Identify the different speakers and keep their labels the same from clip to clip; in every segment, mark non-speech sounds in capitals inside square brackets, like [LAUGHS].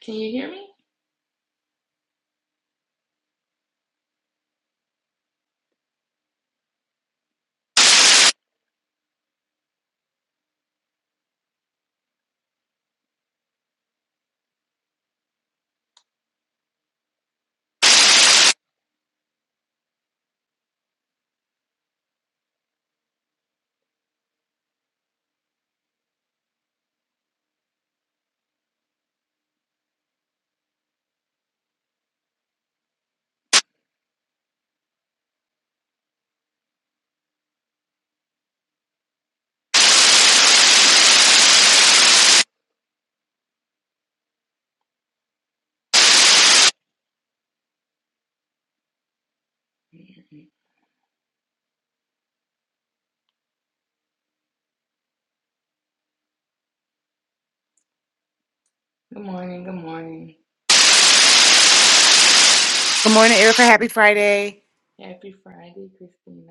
Speaker 1: Can you hear me? Good morning. Good morning.
Speaker 2: Good morning, Erica. Happy Friday.
Speaker 1: Happy Friday, Christina.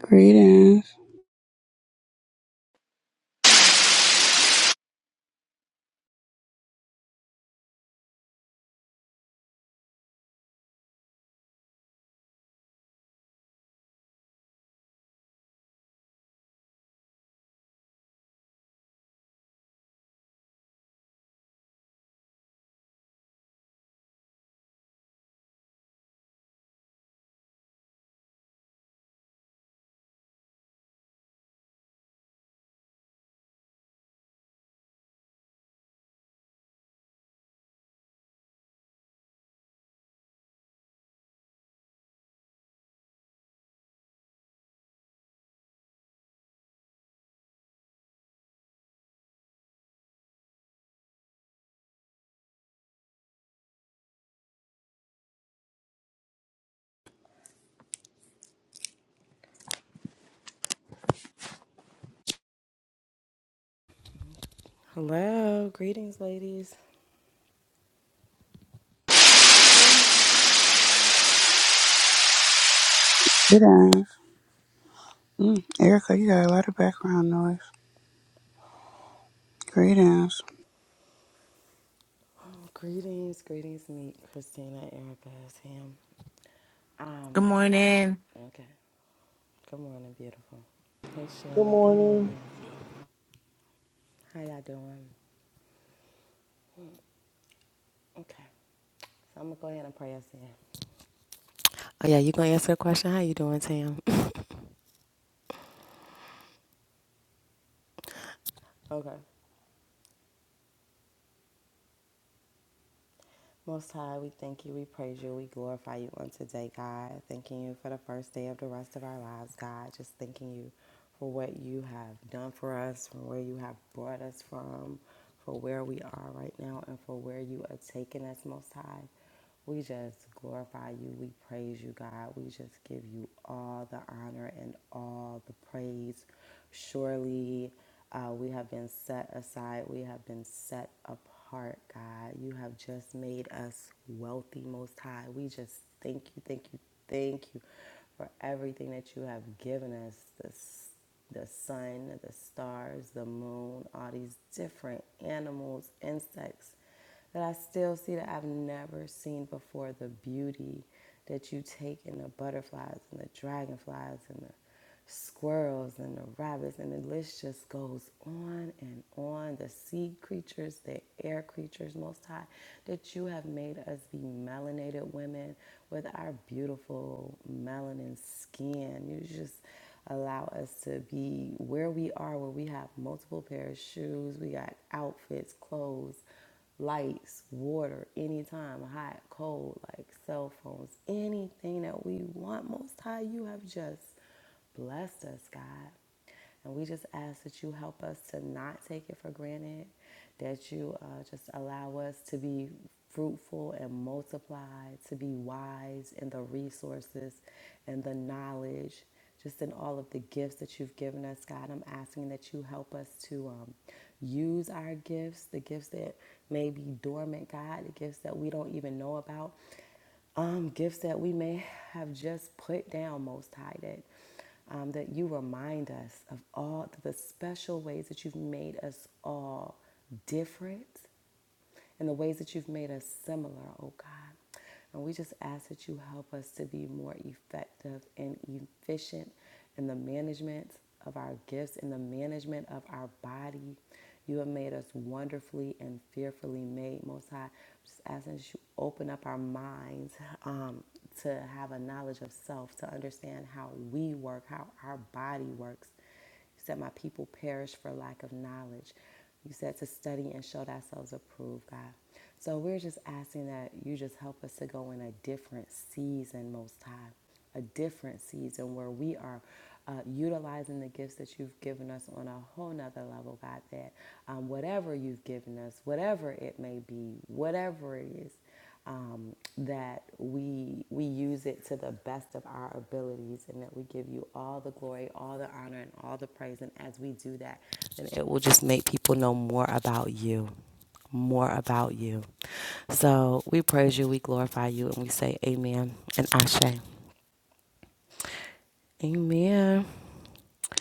Speaker 3: Greetings. Greetings. Mm, Erica, you got a lot of background noise. Greetings.
Speaker 2: Good morning.
Speaker 4: Good morning.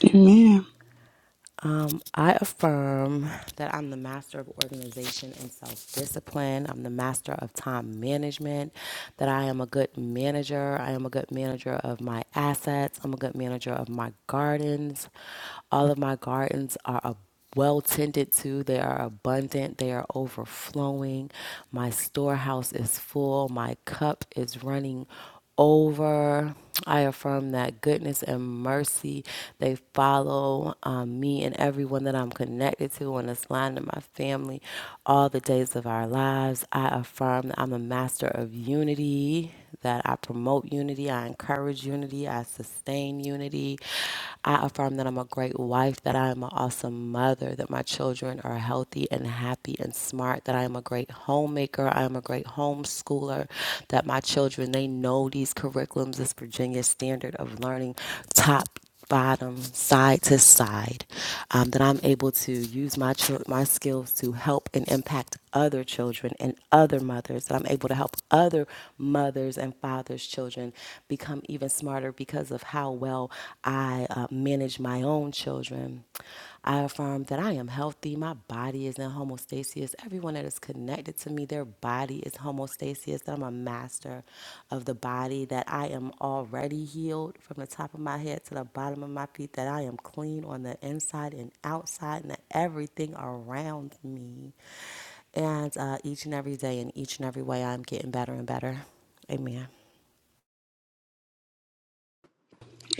Speaker 3: Amen.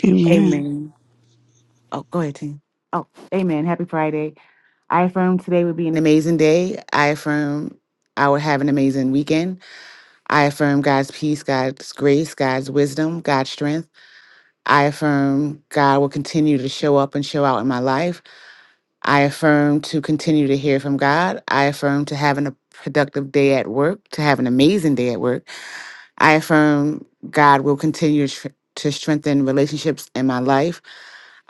Speaker 3: Amen.
Speaker 2: Amen. Oh, go ahead, team. Oh, amen. Happy Friday. I affirm today would be an amazing day. I affirm I would have an amazing weekend. I affirm God's peace, God's grace, God's wisdom, God's strength. I affirm God will continue to show up and show out in my life. I affirm to continue to hear from God. I affirm to having a productive day at work, to have an amazing day at work. I affirm God will continue to to strengthen relationships in my life.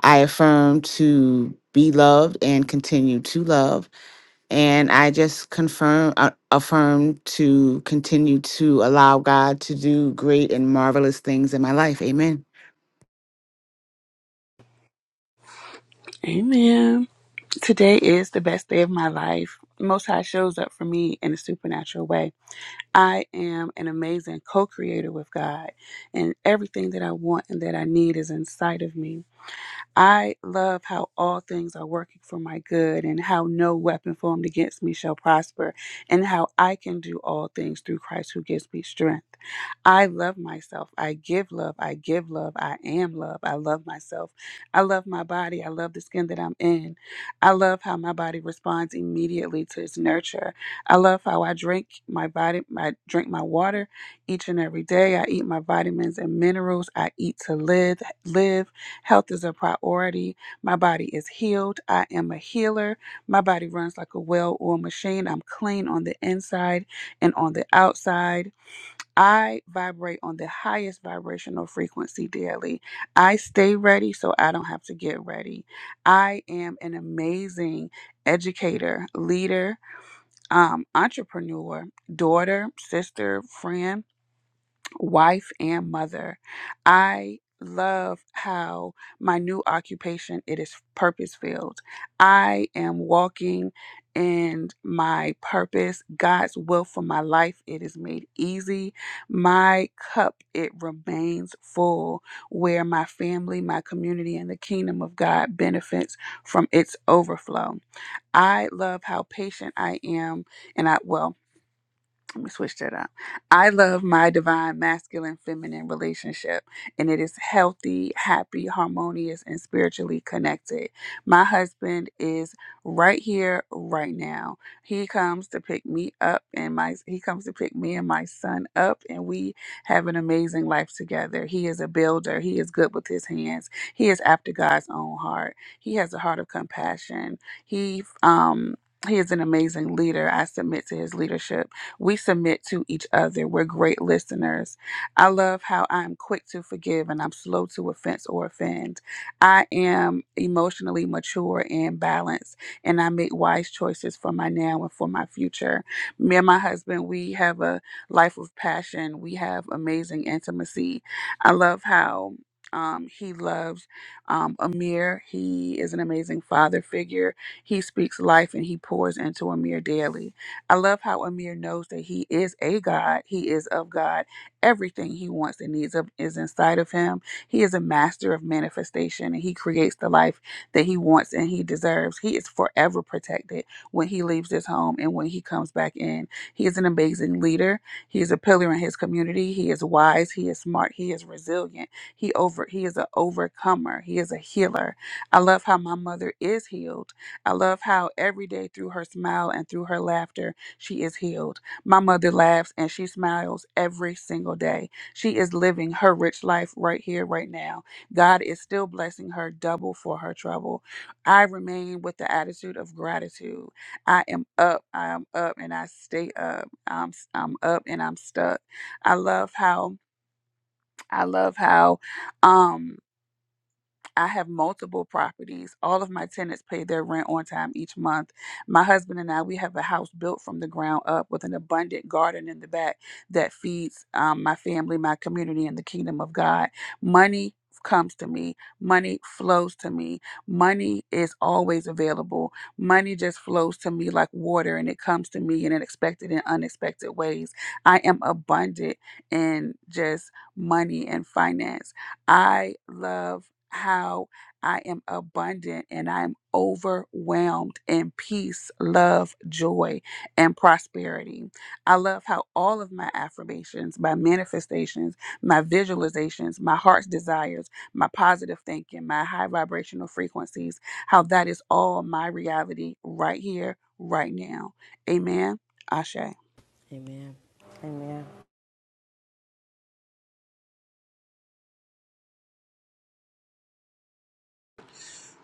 Speaker 2: I affirm to be loved and continue to love. And I just confirm, uh, affirm to continue to allow God to do great and marvelous things in my life. Amen.
Speaker 3: Amen. Today is the best day of my life. Most High shows up for me in a supernatural way. I am an amazing co creator with God, and everything that I want and that I need is inside of me. I love how all things are working for my good and how no weapon formed against me shall prosper and how I can do all things through Christ who gives me strength. I love myself. I give love. I give love. I am love. I love myself. I love my body. I love the skin that I'm in. I love how my body responds immediately to its nurture. I love how I drink my body, I drink my water each and every day. I eat my vitamins and minerals. I eat to live, live. Health is a priority. My body is healed. I am a healer. My body runs like a well oiled machine. I'm clean on the inside and on the outside. I vibrate on the highest vibrational frequency daily. I stay ready so I don't have to get ready. I am an amazing educator, leader, um, entrepreneur, daughter, sister, friend wife and mother. I love how my new occupation it is purpose filled. I am walking in my purpose, God's will for my life. It is made easy. My cup it remains full where my family, my community and the kingdom of God benefits from its overflow. I love how patient I am and I well let me switch that up. I love my divine masculine feminine relationship, and it is healthy, happy, harmonious, and spiritually connected. My husband is right here, right now. He comes to pick me up, and my he comes to pick me and my son up, and we have an amazing life together. He is a builder. He is good with his hands. He is after God's own heart. He has a heart of compassion. He um. He is an amazing leader. I submit to his leadership we submit to each other. We're great listeners. I love how I'm quick to forgive and I'm slow to offense or offend. I am emotionally mature and balanced, and I make wise choices for my now and for my future. Me and my husband, we have a life of passion. We have amazing intimacy. I love how. Um, he loves um, Amir. He is an amazing father figure. He speaks life and he pours into Amir daily. I love how Amir knows that he is a God. He is of God. Everything he wants and needs of- is inside of him. He is a master of manifestation and he creates the life that he wants and he deserves. He is forever protected when he leaves this home and when he comes back in. He is an amazing leader. He is a pillar in his community. He is wise. He is smart. He is resilient. He over he is an overcomer. He is a healer. I love how my mother is healed. I love how every day through her smile and through her laughter she is healed. My mother laughs and she smiles every single day. She is living her rich life right here, right now. God is still blessing her double for her trouble. I remain with the attitude of gratitude. I am up, I am up, and I stay up. I'm, I'm up and I'm stuck. I love how, I love how, Um. I have multiple properties. All of my tenants pay their rent on time each month. My husband and I, we have a house built from the ground up with an abundant garden in the back that feeds um, my family, my community, and the kingdom of God. Money comes to me, money flows to me, money is always available. Money just flows to me like water and it comes to me in expected and unexpected ways. I am abundant in just money and finance. I love how I am abundant and I'm overwhelmed in peace, love, joy, and prosperity. I love how all of my affirmations, my manifestations, my visualizations, my heart's desires, my positive thinking, my high vibrational frequencies, how that is all my reality right here, right now. Amen. Ashe.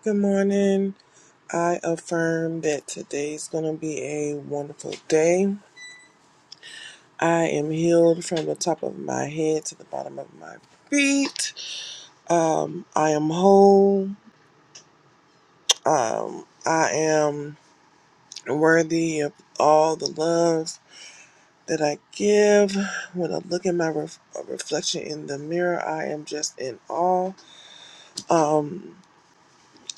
Speaker 4: Good morning. I affirm that today is going to be a wonderful day. I am healed from the top of my head to the bottom of my feet. Um, I am whole. Um, I am worthy of all the love that I give. When I look at my ref- reflection in the mirror, I am just in awe. Um,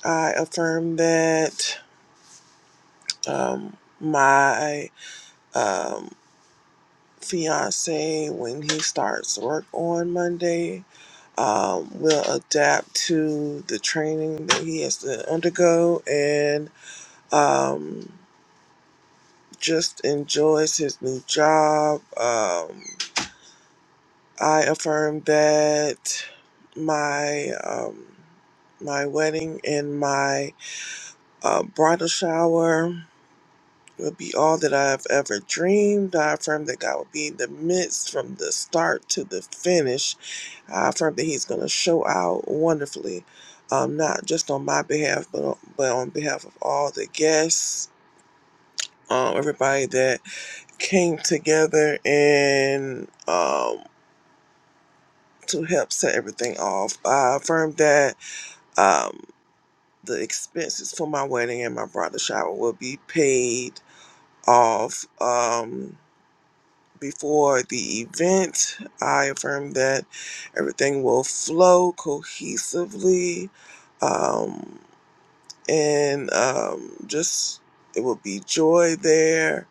Speaker 4: I affirm that um, my. Um. fiance when he starts work on Monday um, will adapt to the training that he has to undergo and um, just enjoys his new job. Um, I affirm that my um, my wedding and my uh, bridal shower will be all that I've ever dreamed. I affirm that God will be in the midst from the start to the finish I affirm that He's going to show out wonderfully, um, not just on my behalf, but on, but on behalf of all the guests, um, everybody that came together and um, to help set everything off. I affirm that um, the expenses for my wedding and my bridal shower will be paid off. Um, before the event, I affirm that everything will flow cohesively. Um, and um, just it will be joy there,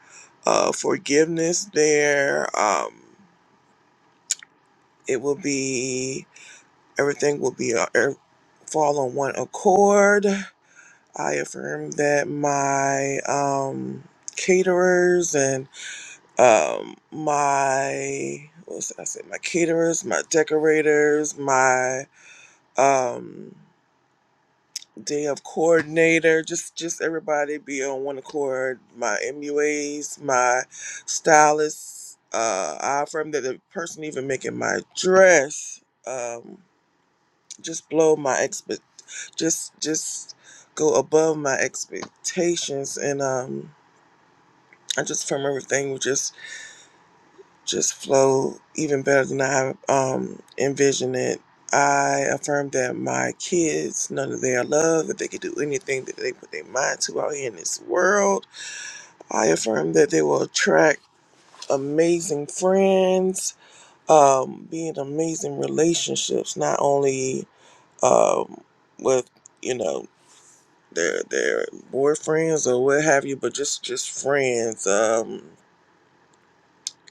Speaker 4: uh, forgiveness there. Um, it will be everything will be uh, er, fall on one accord. I affirm that my um, caterers and um, my what was I say? my caterers, my decorators, my um, day of coordinator. Just just everybody be on one accord. My MUAs, my stylist, uh, I affirm that the person even making my dress, um, just blow my expect, just just go above my expectations, and um, I just affirm everything with just just flow even better than I um, envisioned it. I affirm that my kids, none of their love, that they could do anything that they put their mind to out here in this world. I affirm that they will attract amazing friends, um, be in amazing relationships, not only um, with, you know, their their boyfriends or what have you, but just just friends, um,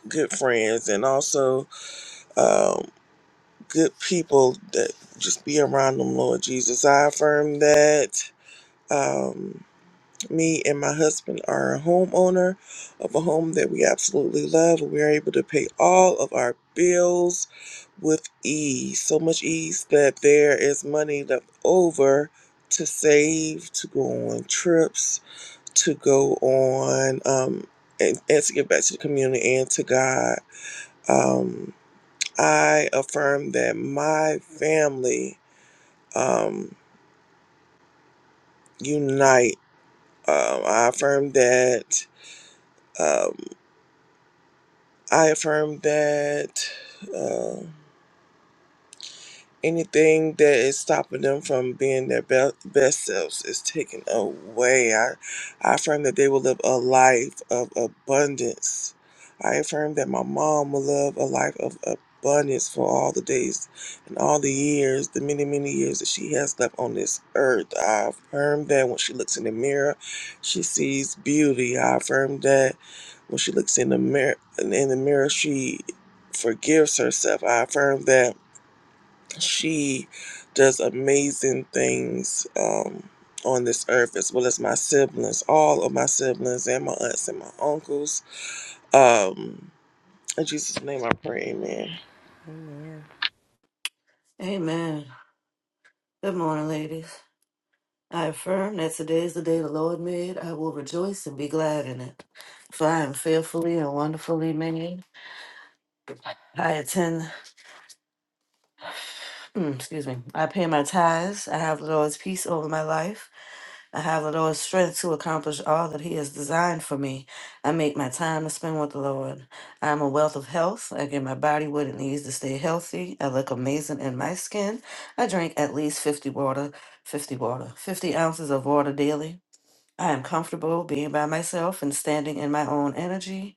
Speaker 4: good friends, and also um. good people that just be around them, Lord Jesus. I affirm that um, me and my husband are a homeowner of a home that we absolutely love. We are able to pay all of our bills with ease, so much ease that there is money left over to save, to go on trips, to go on, um, and, and to give back to the community and to God. Um, I affirm that my family um, unite. Um, I affirm that. Um, I affirm that. um anything that is stopping them from being their be- best selves is taken away. I, I affirm that they will live a life of abundance. I affirm that my mom will live a life of abundance for all the days and all the years, the many, many years that she has left on this earth. I affirm that when she looks in the mirror, she sees beauty. I affirm that when she looks in the mirror, in the mirror, she forgives herself. I affirm that she does amazing things um, on this earth, as well as my siblings, all of my siblings, and my aunts and my uncles. Um, in Jesus' name, I pray, Amen.
Speaker 5: Amen. Good morning, ladies. I affirm that today is the day the Lord made. I will rejoice and be glad in it. For I am fearfully and wonderfully made. I attend, mm, excuse me, I pay my tithes. I have the Lord's peace over my life. I have the Lord's strength to accomplish all that He has designed for me. I make my time to spend with the Lord. I am a wealth of health. I give my body what it needs to stay healthy. I look amazing in my skin. I drink at least 50 water, 50 water, 50 ounces of water daily. I am comfortable being by myself and standing in my own energy.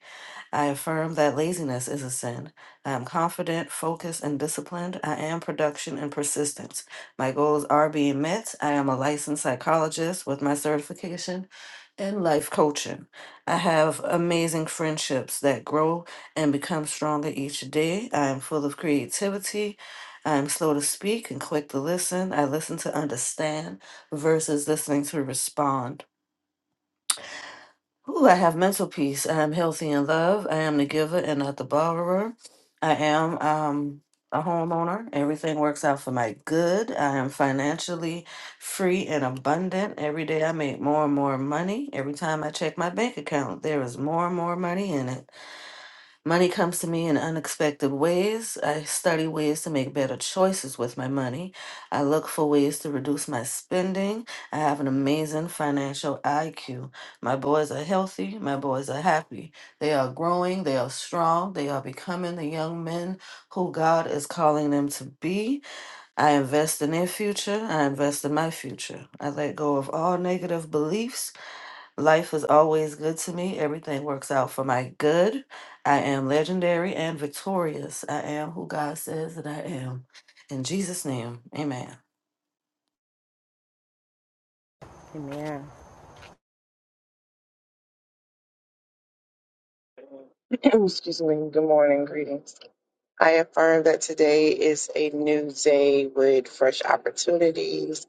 Speaker 5: I affirm that laziness is a sin. I am confident, focused, and disciplined. I am production and persistence. My goals are being met. I am a licensed psychologist with my certification in life coaching. I have amazing friendships that grow and become stronger each day. I am full of creativity. I am slow to speak and quick to listen. I listen to understand versus listening to respond. Ooh, I have mental peace. I am healthy in love. I am the giver and not the borrower. I am um, a homeowner. Everything works out for my good. I am financially free and abundant. Every day I make more and more money. Every time I check my bank account, there is more and more money in it. Money comes to me in unexpected ways. I study ways to make better choices with my money. I look for ways to reduce my spending. I have an amazing financial IQ. My boys are healthy. My boys are happy. They are growing. They are strong. They are becoming the young men who God is calling them to be. I invest in their future. I invest in my future. I let go of all negative beliefs Life is always good to me. Everything works out for my good. I am legendary and victorious. I am who God says that I am. In Jesus' name, amen.
Speaker 6: Oh, Excuse me. Good morning. Greetings. I affirm that today is a new day with fresh opportunities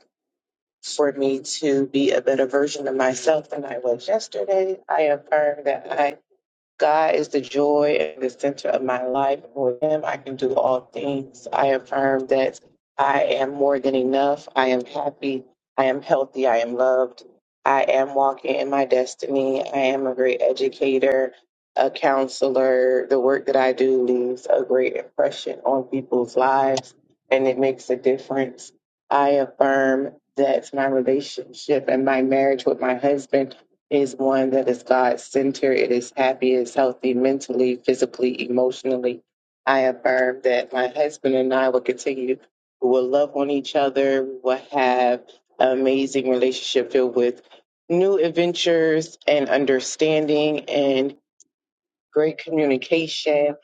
Speaker 6: for me to be a better version of myself than I was yesterday. I affirm that I. God is the joy and the center of my life. With Him, I can do all things. I affirm that I am more than enough. I am happy. I am healthy. I am loved. I am walking in my destiny. I am a great educator, a counselor. The work that I do leaves a great impression on people's lives, and it makes a difference. I affirm that my relationship and my marriage with my husband is one that is God centered, it is happy, it's healthy mentally, physically, emotionally. I affirm that my husband and I will continue, we will love on each other, we will have an amazing relationship filled with new adventures and understanding and great communication.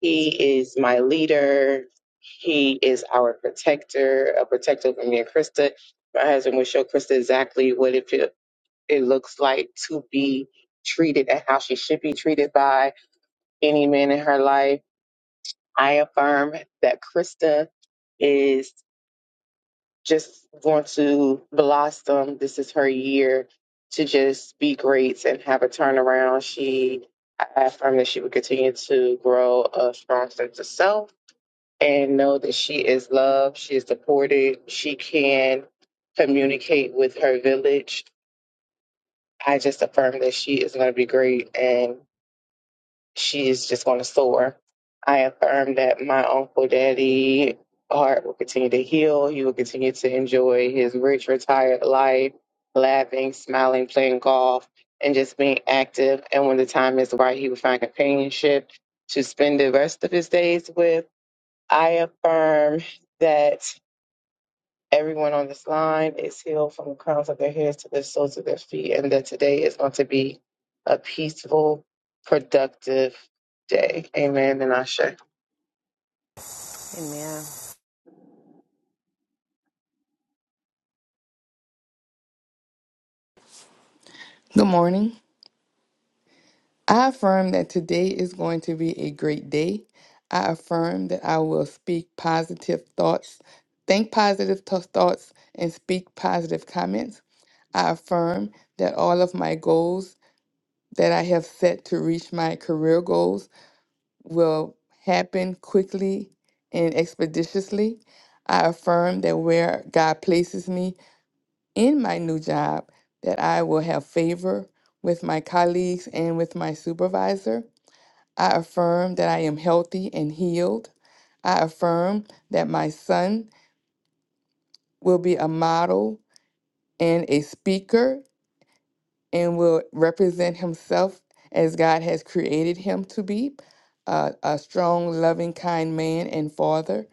Speaker 6: He is my leader. He is our protector, a protector of me and Krista. My husband will show Krista exactly what it feels it looks like to be treated and how she should be treated by any man in her life. I affirm that Krista is just going to blossom. This is her year to just be great and have a turnaround. She, I affirm that she will continue to grow a strong sense of self and know that she is loved, she is supported, she can communicate with her village. I just affirm that she is going to be great and she is just going to soar. I affirm that my uncle daddy heart will continue to heal. He will continue to enjoy his rich retired life, laughing, smiling, playing golf, and just being active. And when the time is right, he will find companionship to spend the rest of his days with. I affirm that Everyone on this line is healed from the crowns of their heads to the soles of their feet, and that today is going to be a peaceful, productive day. Amen. And Ashe.
Speaker 1: Good morning. I affirm that today is going to be a great day. I affirm that I will speak positive thoughts, think positive th- thoughts, and speak positive comments. I affirm that all of my goals that I have set to reach my career goals will happen quickly and expeditiously. I affirm that where God places me in my new job that I will have favor with my colleagues and with my supervisor. I affirm that I am healthy and healed. I affirm that my son will be a model and a speaker and will represent himself as God has created him to be uh, a strong, loving, kind man and father.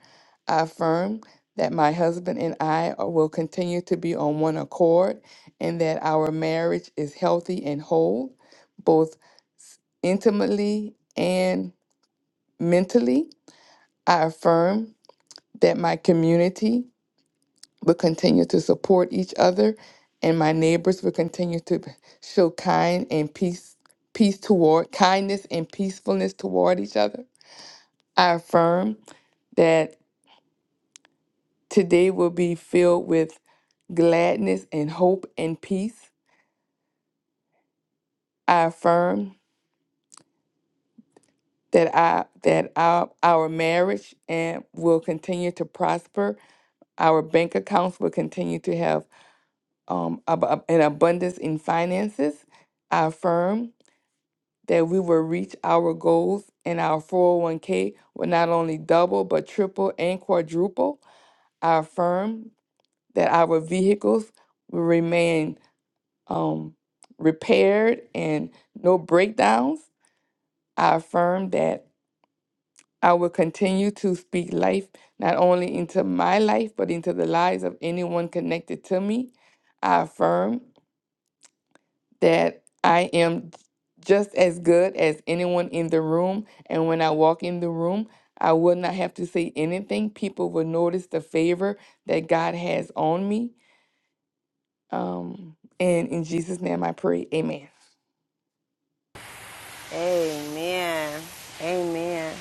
Speaker 1: I affirm that my husband and I are- will continue to be on one accord and that our marriage is healthy and whole, both intimately and mentally. I affirm that my community will continue to support each other and my neighbors will continue to b- show kind and peace peace toward kindness and peacefulness toward each other i affirm that today will be filled with gladness and hope and peace i affirm that i that our, our marriage and will continue to prosper our bank accounts will continue to have um, ab- ab- an abundance in finances i affirm that we will reach our goals and our 401k will not only double but triple and quadruple. I affirm that our vehicles will remain um, repaired and no breakdowns. I affirm that I will continue to speak life not only into my life but into the lives of anyone connected to me. I affirm that I am just as good as anyone in the room. And when I walk in the room, I will not have to say anything. People will notice the favor that God has on me. Um, and in Jesus' name I pray, amen.
Speaker 7: Amen. Amen.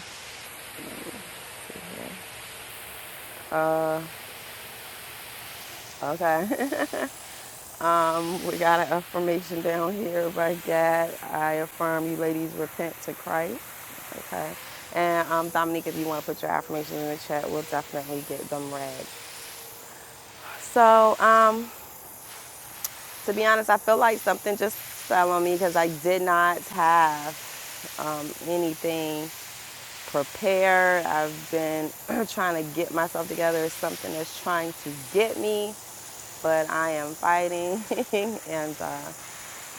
Speaker 7: Okay. [LAUGHS] um, we got an affirmation down here by God. I affirm you ladies repent to Christ. Okay. And um, Dominique, if you want to put your affirmations in the chat, we'll definitely get them read. So, um, to be honest, I feel like something just fell on me because I did not have um, anything prepared. I've been [CLEARS THROAT] trying to get myself together. It's something that's trying to get me. but I am fighting, [LAUGHS] and uh,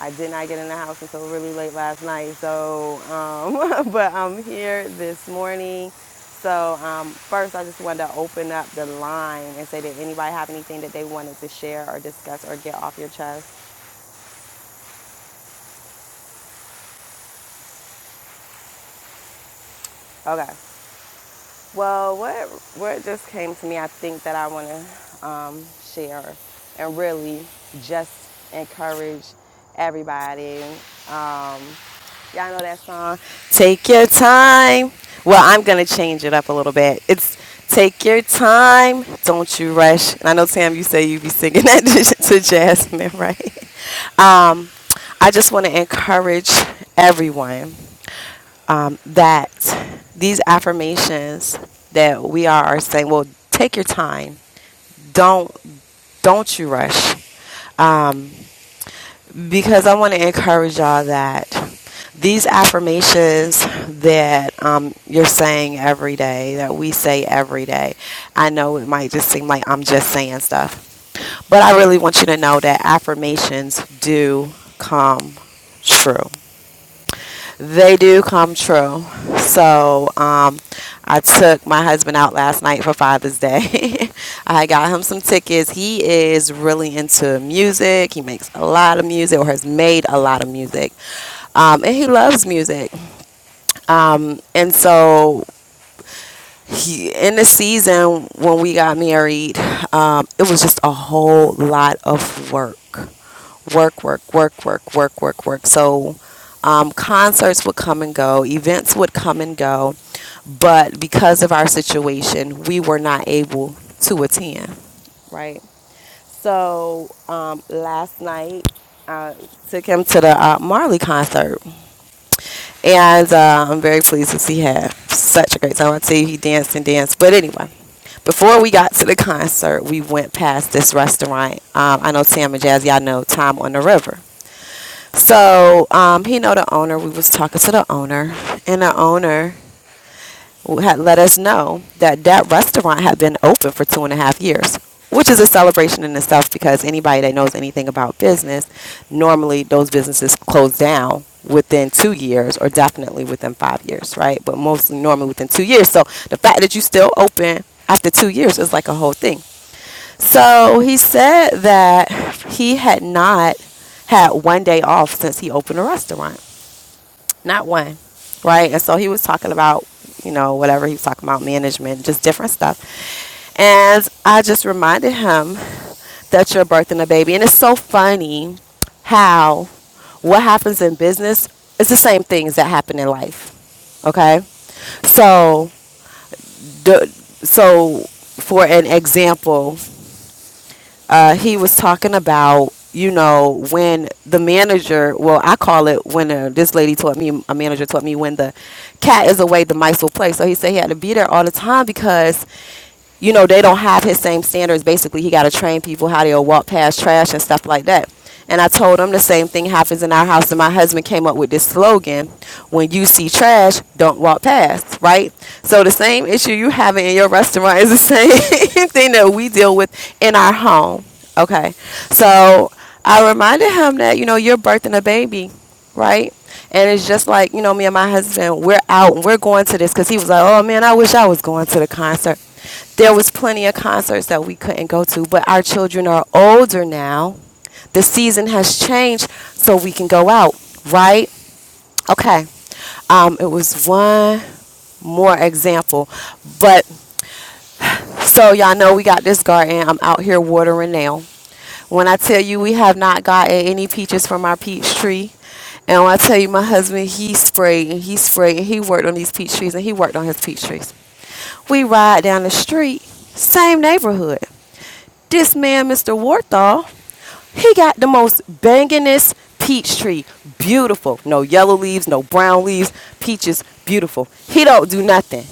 Speaker 7: I did not get in the house until really late last night. So, um, [LAUGHS] but I'm here this morning. So, um, first, I just wanted to open up the line and say, did anybody have anything that they wanted to share or discuss or get off your chest? Okay. Well, what what just came to me, I think that I want to um, share and really just encourage everybody Y'all know that song. Take your time. Well, I'm gonna change it up a little bit. It's take your time, don't you rush. And I know Tam, you say you be singing that [LAUGHS] to Jasmine, right? Um, I just want to encourage everyone um, that these affirmations that we are saying. Well, take your time. Don't don't you rush. Um, because I want to encourage y'all that these affirmations that um, you're saying every day, that we say every day, I know it might just seem like I'm just saying stuff, but I really want you to know that affirmations do come true. They do come true. So um, I took my husband out last night for Father's Day. [LAUGHS] I got him some tickets. He is really into music. He makes a lot of music or has made a lot of music. Um, and he loves music. Um, and so he, in the season when we got married, um, it was just a whole lot of work, work, work, work, work, work, work, work. So um, concerts would come and go, events would come and go, but because of our situation, we were not able to attend. Right. So um, last night, I took him to the uh, Marley concert. And uh, I'm very pleased to see he had such a great time. I tell you, he danced and danced. But anyway, before we got to the concert, we went past this restaurant. Um, I know Tam and Jazz, y'all know Tom on the River. So um, he know the owner. We was talking to the owner, and the owner had let us know that that restaurant had been open for two and a half years, which is a celebration in itself because anybody that knows anything about business, normally those businesses close down within two years or definitely within five years, right? But mostly normally within two years. So the fact that you still open after two years is like a whole thing. So he said that he had not had one day off since he opened a restaurant not one, right? And so he was talking about, you know, whatever he was talking about, management, just different stuff. And I just reminded him that you're birthing a baby. And it's so funny how what happens in business is the same things that happen in life. Okay. So, the, so for an example, uh, he was talking about you know when the manager well i call it when uh, this lady taught me a manager taught me when the cat is away the mice will play so he said he had to be there all the time because you know they don't have his same standards basically he got to train people how they'll walk past trash and stuff like that and I told him the same thing happens in our house. And my husband came up with this slogan when you see trash, don't walk past, right? So the same issue you having in your restaurant is the same [LAUGHS] thing that we deal with in our home. Okay. So I reminded him that, you know, you're birthing a baby, right? And it's just like, you know, me and my husband, we're out and we're going to this because he was like, oh man, I wish I was going to the concert. There was plenty of concerts that we couldn't go to, but our children are older now the season has changed so we can go out, right? Okay. Um, it was one more example. But so y'all know we got this garden. I'm out here watering now. When I tell you we have not gotten any peaches from our peach tree, and when I tell you my husband, he sprayed and he sprayed and he worked on these peach trees and he worked on his peach trees. We ride down the street, same neighborhood this man, Mr. Warthall, he got the most banginest peach tree. Beautiful. No yellow leaves, no brown leaves. Peaches, beautiful. He don't do nothing.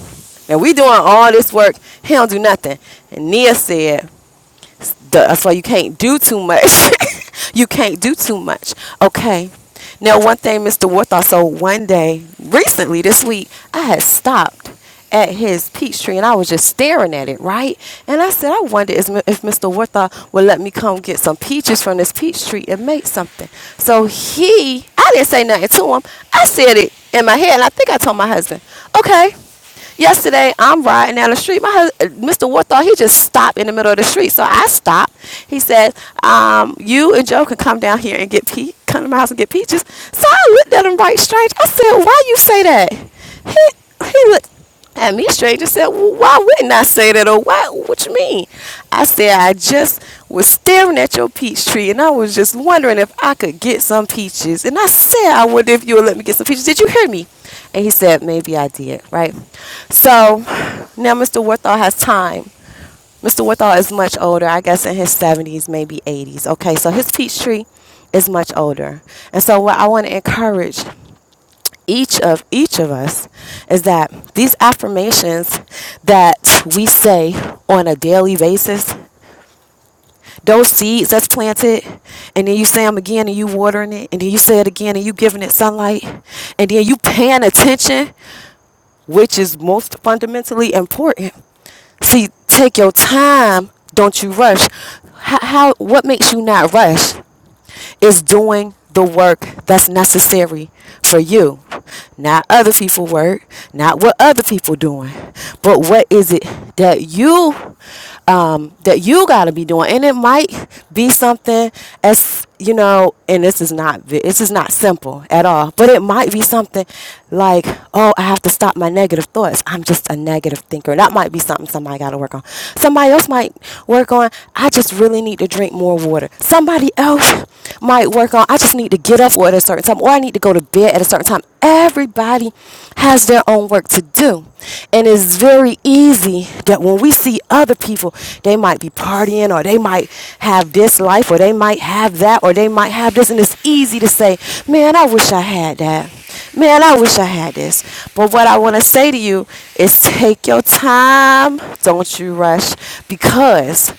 Speaker 7: And we doing all this work. He don't do nothing. And Nia said, that's why you can't do too much. [LAUGHS] you can't do too much. Okay. Now, one thing, Mr. Warthaw. So one day, recently this week, I had stopped at his peach tree and I was just staring at it, right? And I said, I wonder is- if Mr. Warthaw would let me come get some peaches from this peach tree and make something. So he, I didn't say nothing to him. I said it in my head, and I think I told my husband, okay. Yesterday, I'm riding down the street. My hus- Mr. Ward thought he just stopped in the middle of the street, so I stopped. He said, um, "You and Joe can come down here and get pe- come to my house and get peaches." So I looked at him right strange. I said, "Why you say that?" He he looked. And me straight just said, well, why wouldn't I say that? Or why? What you mean? I said, I just was staring at your peach tree and I was just wondering if I could get some peaches. And I said, I wonder if you would let me get some peaches. Did you hear me? And he said, maybe I did, right? So now Mr. Worthall has time Mr. Withall is much older, I guess in his 70s, maybe 80s. Okay, so his peach tree is much older. And so, what I want to encourage each of each of us is that these affirmations that we say on a daily basis those seeds that's planted and then you say them again and you watering it and then you say it again and you giving it sunlight and then you paying attention which is most fundamentally important. See, take your time. Don't you rush. How, how what makes you not rush is doing the work that's necessary for you. Not other people work, not what other people doing, but what is it that you um, that you got to be doing? And it might be something as you know, and this is not vi- this is not simple at all, but it might be something like, oh, I have to stop my negative thoughts. I'm just a negative thinker. That might be something somebody got to work on. Somebody else might work on, I just really need to drink more water. Somebody else might work on, I just need to get up at a certain time, or I need to go to bed at a certain time. Everybody has their own work to do. And it's very easy that when we see other people, they might be partying or they might have this life or they might have that or they might have this. And it's easy to say, man, I wish I had that. Man, I wish I had this. But what I want to say to you is take your time. Don't you rush because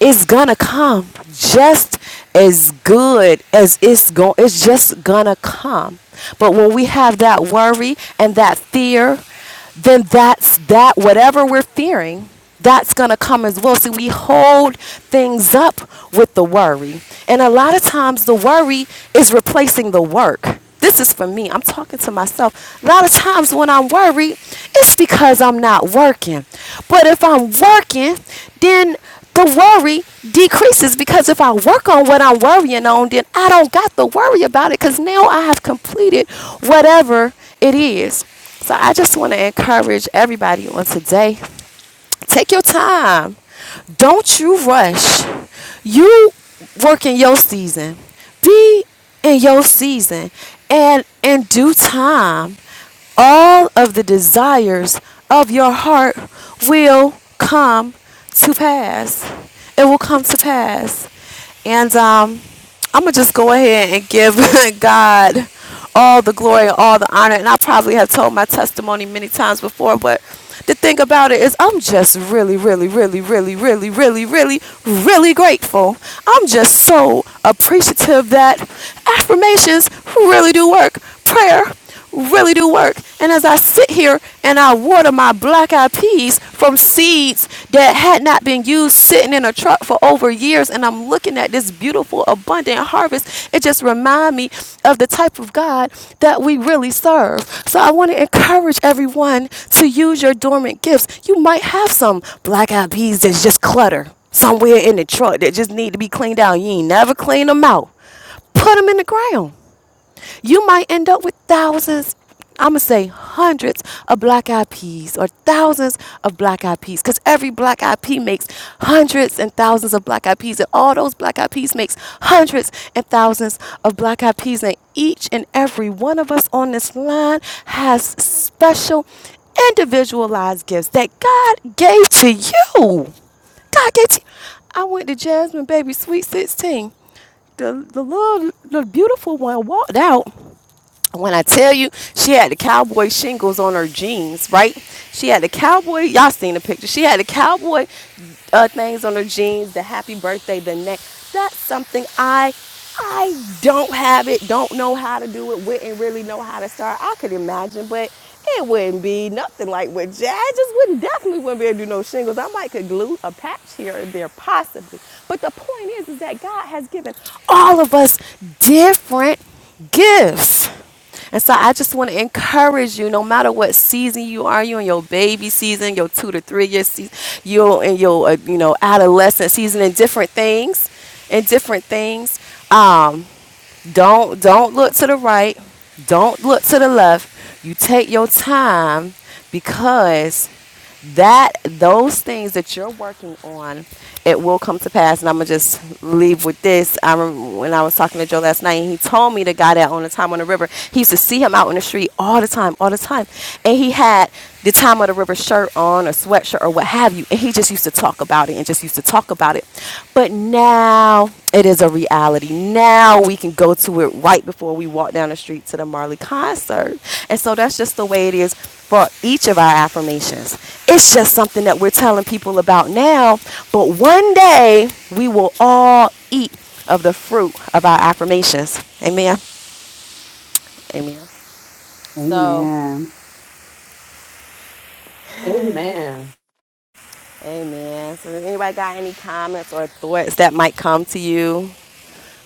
Speaker 7: it's gonna come just as good as it's going it's just gonna come but when we have that worry and that fear then that's that whatever we're fearing that's going to come as well. See, we hold things up with the worry. And a lot of times the worry is replacing the work. This is for me. I'm talking to myself. A lot of times when I'm worried, it's because I'm not working. But if I'm working, then the worry decreases because if I work on what I'm worrying on, then I don't got to worry about it because now I have completed whatever it is. So I just want to encourage everybody on today Take your time. Don't you rush. You work in your season. Be in your season. And in due time, all of the desires of your heart will come to pass. It will come to pass. And um, I'm going to just go ahead and give [LAUGHS] God all the glory, all the honor. And I probably have told my testimony many times before, but the thing about it is, I'm just really, really, really, really, really, really, really, really grateful. I'm just so appreciative that affirmations really do work. Prayer really do work. And as I sit here and I water my black eyed peas from seeds that had not been used sitting in a truck for over years, and I'm looking at this beautiful, abundant harvest, it just reminds me of the type of God that we really serve. So I want to encourage everyone to use your dormant gifts. You might have some black eyed peas that's just clutter somewhere in the truck that just need to be cleaned out. You ain't never clean them out. Put them in the ground. You might end up with thousands, I'm going to say hundreds of black eyed peas or thousands of black eyed peas because every black eyed pea makes hundreds and thousands of black eyed peas and all those black eyed peas makes hundreds and thousands of black eyed peas and each and every one of us on this line has special individualized gifts that God gave to you. God gave to you. I went to Jasmine Baby Sweet 16. The the little the beautiful one walked out when I tell you, she had the cowboy shingles on her jeans, right? She had the cowboy, y'all seen the picture. She had the cowboy uh, things on her jeans, the happy birthday, the neck. That's something I I don't have it, don't know how to do it, wouldn't really know how to start. I could imagine, but it wouldn't be nothing like what Jazz I just wouldn't definitely wouldn't be able to do no shingles. I might could glue a patch here and there possibly. But the point is is that God has given all of us different gifts. And so I just want to encourage you, no matter what season you are, you in your baby season, your two to three year season, you in your uh, you know adolescent season, and different things, and different things. Um. Don't don't look to the right. Don't look to the left. You take your time because that those things that you're working on, it will come to pass. And I'm gonna just leave with this. I remember when I was talking to Joe last night, and he told me the guy that owned the time on the river. He used to see him out in the street all the time, all the time, and he had the time of the river shirt on or sweatshirt or what have you. And he just used to talk about it and just used to talk about it. But now it is a reality. Now we can go to it right before we walk down the street to the Marley concert. And so that's just the way it is for each of our affirmations. It's just something that we're telling people about now. But one day we will all eat of the fruit of our affirmations. Amen. Amen. So
Speaker 3: Amen.
Speaker 5: Amen.
Speaker 7: Amen. So, if anybody got any comments or thoughts that might come to you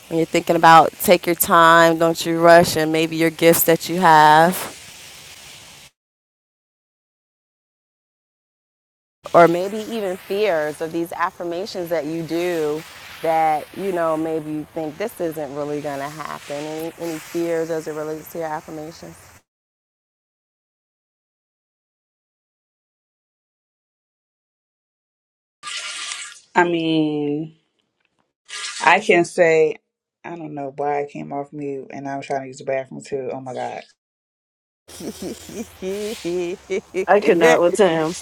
Speaker 7: when you're thinking about take your time, don't you rush, and maybe your gifts that you have, or maybe even fears of these affirmations that you do that you know maybe you think this isn't really going to happen. Any, any fears as it relates to your affirmations?
Speaker 3: I mean, I can say I don't know why I came off mute and i was trying to use the bathroom too. Oh my god.
Speaker 5: I cannot
Speaker 7: [LAUGHS]
Speaker 5: with Tam.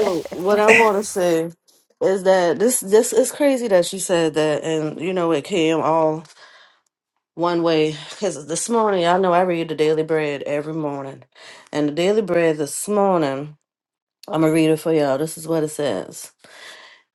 Speaker 5: So what I want to say is that this this is crazy that she said that, and you know it came all one way. Because this morning, I know I read the Daily Bread every morning, and the Daily Bread this morning, I'm gonna read it for y'all. This is what it says.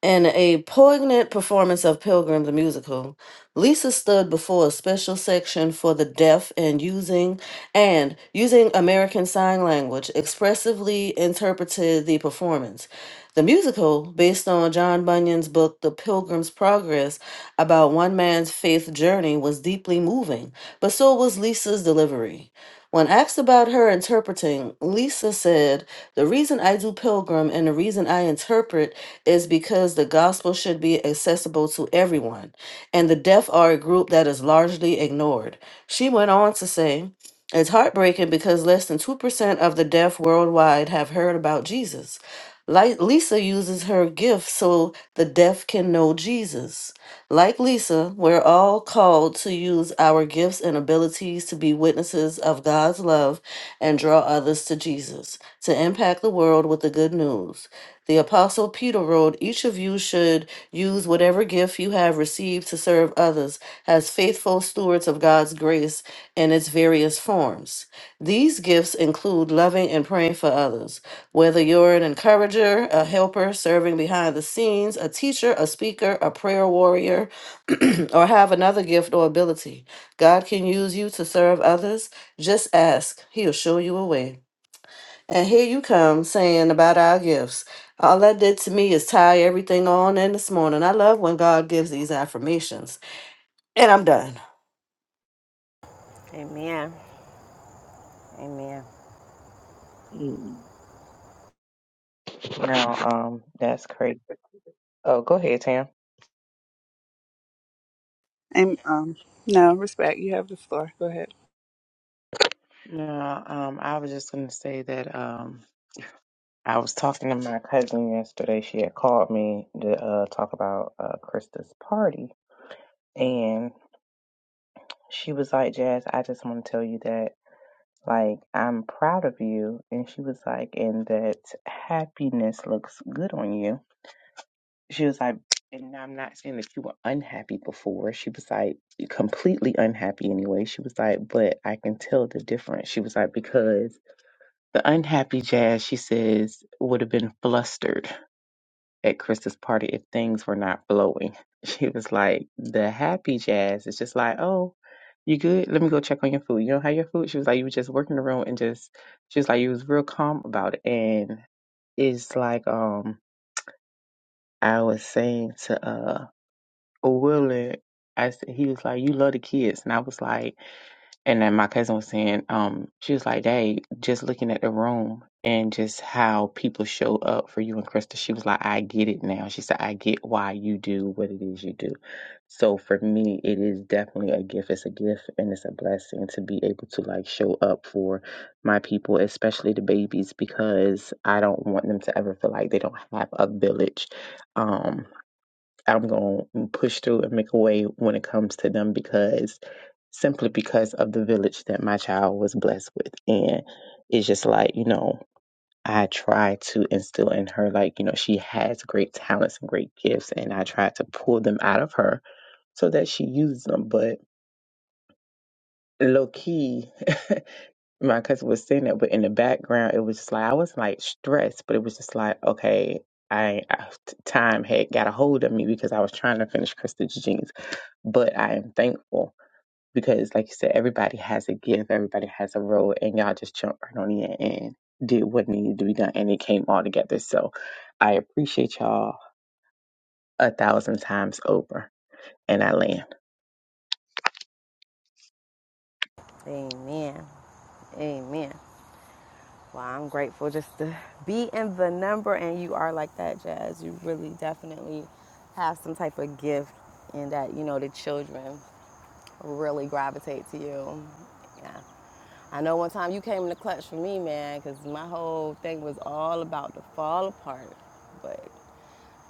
Speaker 5: In a poignant performance of Pilgrim the Musical, Lisa stood before a special section for the deaf and using and using American Sign Language expressively interpreted the performance. The musical, based on John Bunyan's book The Pilgrim's Progress, about one man's faith journey, was deeply moving, but so was Lisa's delivery. When asked about her interpreting, Lisa said, The reason I do pilgrim and the reason I interpret is because the gospel should be accessible to everyone, and the deaf are a group that is largely ignored. She went on to say, It's heartbreaking because less than 2% of the deaf worldwide have heard about Jesus. Li- Lisa uses her gift so the deaf can know Jesus. Like Lisa, we're all called to use our gifts and abilities to be witnesses of God's love and draw others to Jesus, to impact the world with the good news. The Apostle Peter wrote, Each of you should use whatever gift you have received to serve others as faithful stewards of God's grace in its various forms. These gifts include loving and praying for others whether you're an encourager, a helper serving behind the scenes, a teacher, a speaker, a prayer warrior, [CLEARS THROAT] or have another gift or ability, God can use you to serve others. Just ask, He'll show you a way. And here you come saying about our gifts. All that did to me is tie everything on in this morning. I love when God gives these affirmations. And I'm done.
Speaker 7: Amen. Amen.
Speaker 6: Mm. No, um, that's crazy. Oh, go ahead, Tam.
Speaker 3: And um no, respect. You have the floor. Go ahead.
Speaker 6: No, um, I was just gonna say that um, I was talking to my cousin yesterday. She had called me to uh, talk about uh, Krista's party, and she was like, "Jazz, I just want to tell you that." like I'm proud of you. And she was like, and that happiness looks good on you. She was like, and I'm not saying that you were unhappy before. She was like, completely unhappy anyway. She was like, but I can tell the difference. She was like, because the unhappy Jazz, she says, would have been flustered at Krista's party if things were not flowing. [LAUGHS] She was like, the happy jazz is just like, oh, you good? Let me go check on your food. You don't have your food? She was like, you were just working the room and just, she was like, you was real calm about it. And it's like, um, I was saying to, uh, Will, I said, he was like, you love the kids. And I was like, and then my cousin was saying, um, she was like, "Dang, just looking at the room and just how people show up for you and Krista." She was like, "I get it now." She said, "I get why you do what it is you do." So for me, it is definitely a gift. It's a gift and it's a blessing to be able to like show up for my people, especially the babies, because I don't want them to ever feel like they don't have a village. Um, I'm going to push through and make a way when it comes to them because simply because of the village that my child was blessed with. And it's just like, you know, I try to instill in her, like, you know, she has great talents and great gifts, and I try to pull them out of her so that she uses them. But low key, [LAUGHS] my cousin was saying that, but in the background, it was just like, I was like stressed, but it was just like, okay. I, I- time had got a hold of me because I was trying to finish Krista Jeans but I am thankful because, like you said, everybody has a gift, everybody has a role, and y'all just jumped right on in and did what needed to be done, and it came all together. So I appreciate y'all a thousand times over, and I land.
Speaker 7: Amen. Amen. Well, I'm grateful just to be in the number, and you are like that, Jazz. You really definitely have some type of gift in that, you know, the children really gravitate to you. Yeah. I know one time you came in the clutch for me, man, because my whole thing was all about to fall apart. But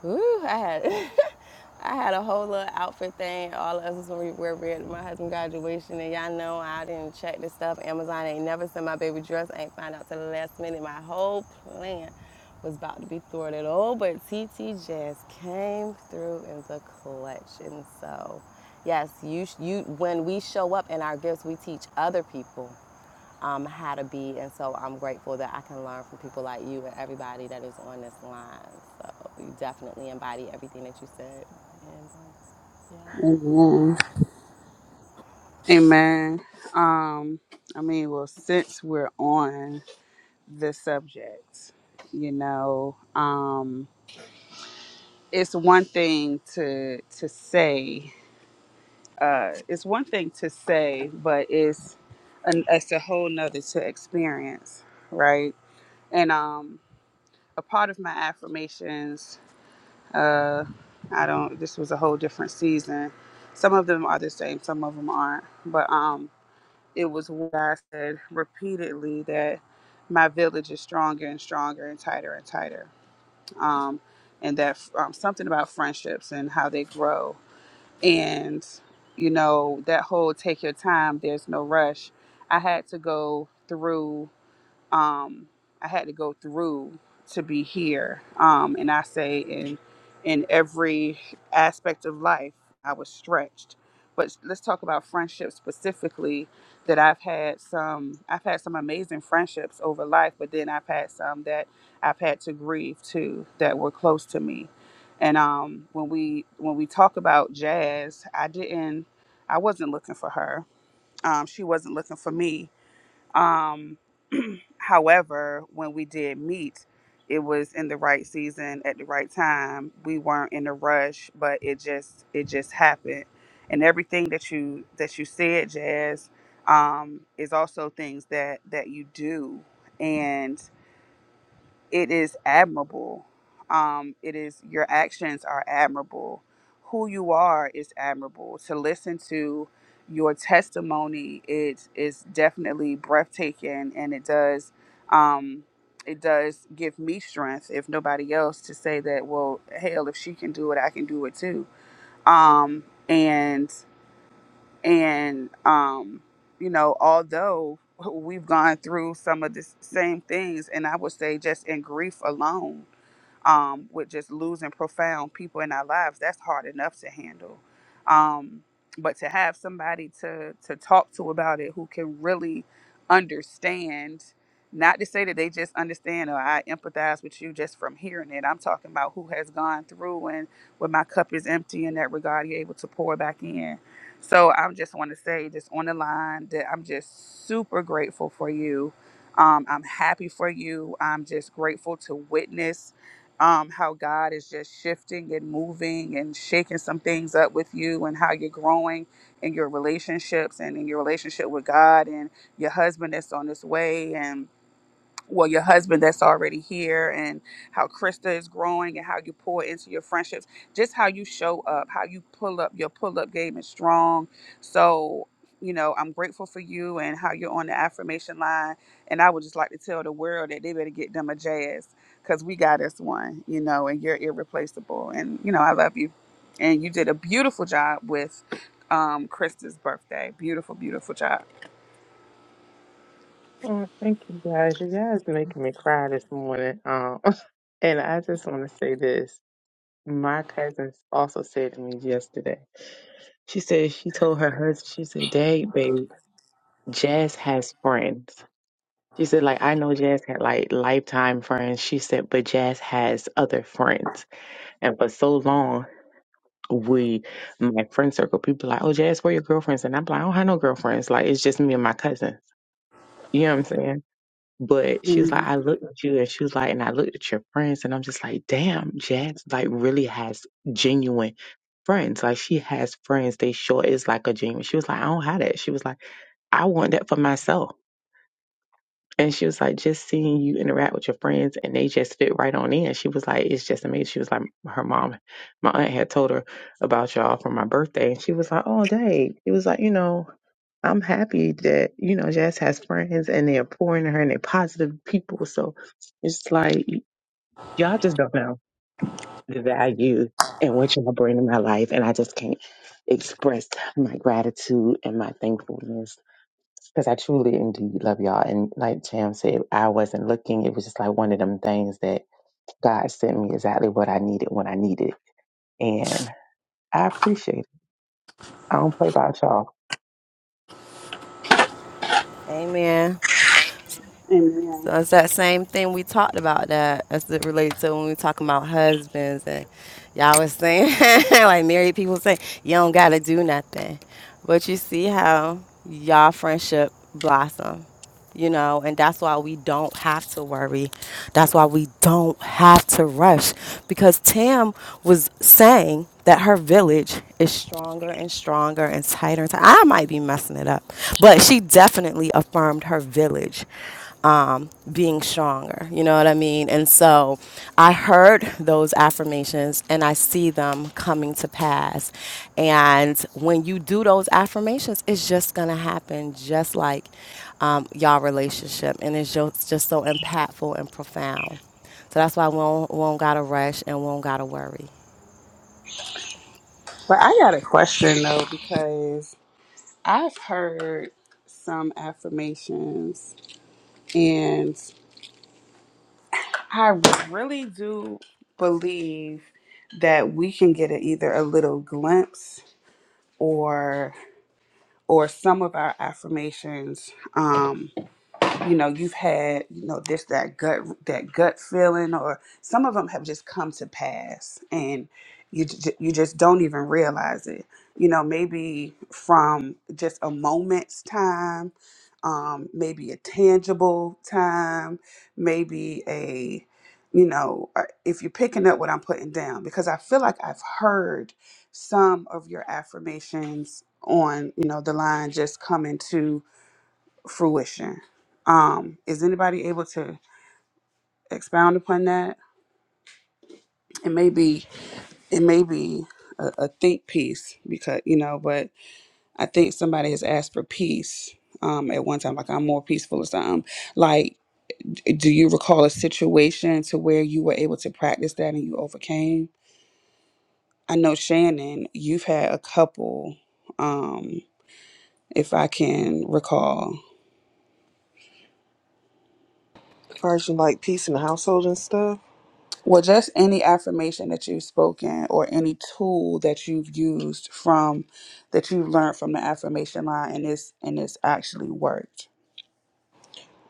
Speaker 7: Ooh, I had [LAUGHS] I had a whole little outfit thing. All of us was gonna wear at my husband's graduation, and y'all know I didn't check this stuff. Amazon ain't never sent my baby dress. I ain't find out till the last minute. My whole plan was about to be thwarted. Oh, but T T Jazz came through in the clutch, and so yes, you you when we show up in our gifts, we teach other people um, how to be. And so I'm grateful that I can learn from people like you and everybody that is on this line. So. Oh, You definitely embody everything that you said. And, um, yeah.
Speaker 3: Amen. Amen. Um, I mean, well, since we're on the subject, you know, um, it's one thing to to say, uh, it's one thing to say, but it's an, it's a whole nother to experience, right? And um, a part of my affirmations Uh, I don't. This was a whole different season. Some of them are the same. Some of them aren't. But um, it was what I said repeatedly that my village is stronger and stronger and tighter and tighter. Um, and that um, something about friendships and how they grow. And you know that whole take your time. There's no rush. I had to go through um, I had to go through to be here. Um, and I say in in every aspect of life, I was stretched. But let's talk about friendships specifically. That I've had some, I've had some amazing friendships over life, but then I've had some that I've had to grieve too, that were close to me. And um, when we when we talk about jazz, I didn't, I wasn't looking for her. Um, she wasn't looking for me um, [CLEARS THROAT] however, when we did meet, it was in the right season at the right time. We weren't in a rush, but it just it just happened. And everything that you that you said, Jazz, um, is also things that that you do it is admirable. Um, it is your actions are admirable. Who you are is admirable. To listen to your testimony, it is definitely breathtaking, and it does, um, it does give me strength, if nobody else, to say that. Well, hell, if she can do it, I can do it too. Um, and and, um, you know, although we've gone through some of the same things, and I would say just in grief alone, um, with just losing profound people in our lives, that's hard enough to handle. Um, but to have somebody to to talk to about it who can really understand, not to say that they just understand or I empathize with you just from hearing it. I'm talking about who has gone through and when my cup is empty in that regard, you're able to pour back in. So I just want to say, just on the line, that I'm just super grateful for you. Um, I'm happy for you. I'm just grateful to witness um, how God is just shifting and moving and shaking some things up with you, and how you're growing in your relationships and in your relationship with God and your husband that's on his way, and well your husband that's already here and how krista is growing and how you pour into your friendships just how you show up how you pull up your pull up game is strong so you know i'm grateful for you and how you're on the affirmation line and i would just like to tell the world that they better get them a jazz because we got us one you know and you're irreplaceable and you know i love you and you did a beautiful job with um krista's birthday beautiful beautiful job
Speaker 6: Oh, thank you guys. You guys making me cry this morning. Um, [LAUGHS] and I just want to say this. My cousin also said to me yesterday. She said she told her husband. She said, "Dad, babe, Jazz has friends." She said, like, I know Jazz had like lifetime friends. She said, but Jazz has other friends. And for so long, we, my friend circle, people like, oh, Jazz, where your girlfriends? And I'm like, I don't have no girlfriends. Like, it's just me and my cousins. You know what I'm saying? But she was like, I looked at you and she was like, and I looked at your friends and I'm just like, damn, Jazz like really has genuine friends. Like she has friends. They sure is like a genuine. She was like, I don't have that. She was like, I want that for myself. And she was like, just seeing you interact with your friends and they just fit right on in. She was like, it's just amazing. She was like, her mom, my aunt had told her about y'all for my birthday. And she was like, oh, dang. It was like, you know, I'm happy that, you know, Jazz has friends and they're pouring her and they're positive people. So it's like, y- y'all just don't know the value and what y'all bring to my life. And I just can't express my gratitude and my thankfulness because I truly indeed love y'all. And like Tam said, I wasn't looking. It was just like one of them things that God sent me exactly what I needed when I needed. it. And I appreciate it. I don't play about y'all.
Speaker 7: Amen.
Speaker 3: Amen.
Speaker 7: So it's that same thing we talked about that as it relates to when we talking about husbands and y'all was saying [LAUGHS] like married people say you don't gotta do nothing, but you see how y'all friendship blossom, you know, and that's why we don't have to worry. That's why we don't have to rush because Tam was saying that her village is stronger and stronger and tighter and tighter. I might be messing it up, but she definitely affirmed her village um, being stronger. You know what I mean? And so I heard those affirmations and I see them coming to pass. And when you do those affirmations, it's just going to happen just like um, y'all relationship. And it's just, just so impactful and profound. So that's why we won't, won't got to rush and won't got to worry.
Speaker 3: But I got a question though, because I've heard some affirmations, and I really do believe that we can get a, either a little glimpse or or some of our affirmations. Um, you know you've had you know this that gut that gut feeling or some of them have just come to pass and you j- you just don't even realize it you know maybe from just a moment's time um maybe a tangible time maybe a you know uh, if you're picking up what i'm putting down because i feel like i've heard some of your affirmations on you know the line just coming to fruition. Um, is anybody able to expound upon that? It may be it may be a, a think piece because you know, but I think somebody has asked for peace um, at one time, like I'm more peaceful or something. Like, d- do you recall a situation to where you were able to practice that and you overcame? I know Shannon, you've had a couple, um, if I can recall.
Speaker 4: As far as you like peace in the household and stuff,
Speaker 3: Well, just any affirmation that you've spoken or any tool that you've used from that you have learned from the affirmation line and it's and it's actually worked.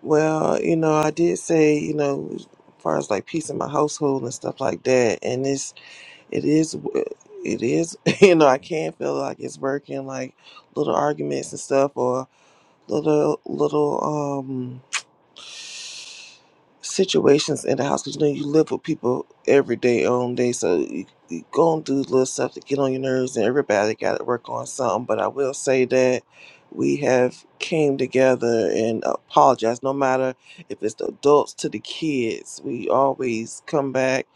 Speaker 4: well, you know, I did say, you know, as far as like peace in my household and stuff like that, and it's it is it is [LAUGHS] you know I can feel like it's working, like little arguments and stuff, or little little um. situations in the house because you know you live with people every day on day so you, you going through little stuff to get on your nerves and everybody got to work on something but i will say that we have came together and apologized no matter if it's the adults to the kids we always come back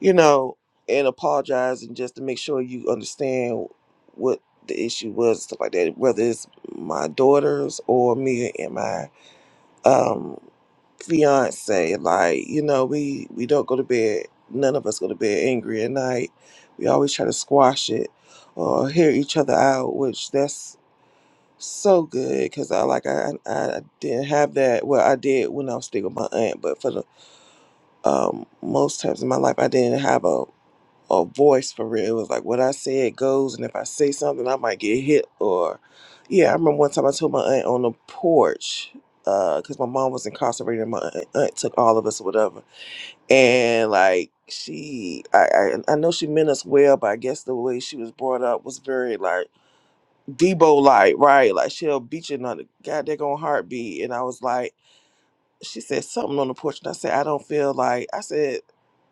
Speaker 4: you know and apologize and just to make sure you understand what the issue was and stuff like that whether it's my daughters or me and my um fiance. Like, you know, we we don't go to bed. None of us go to bed angry at night. We always try to squash it or hear each other out, which that's so good because I like I I I didn't have that. Well, I did when I was still with my aunt, but for the um most times in my life, I didn't have a a voice for real. It was like what I said goes, and if I say something, I might get hit. Or, yeah, I remember one time I told my aunt on the porch because my mom was incarcerated. And my aunt, aunt took all of us or whatever, and like she, I, I, I know she meant us well, but I guess the way she was brought up was very like Debo like, right? Like she'll beat you in the goddamn heartbeat, and I was like she said something on the porch, and I said, I don't feel like I said,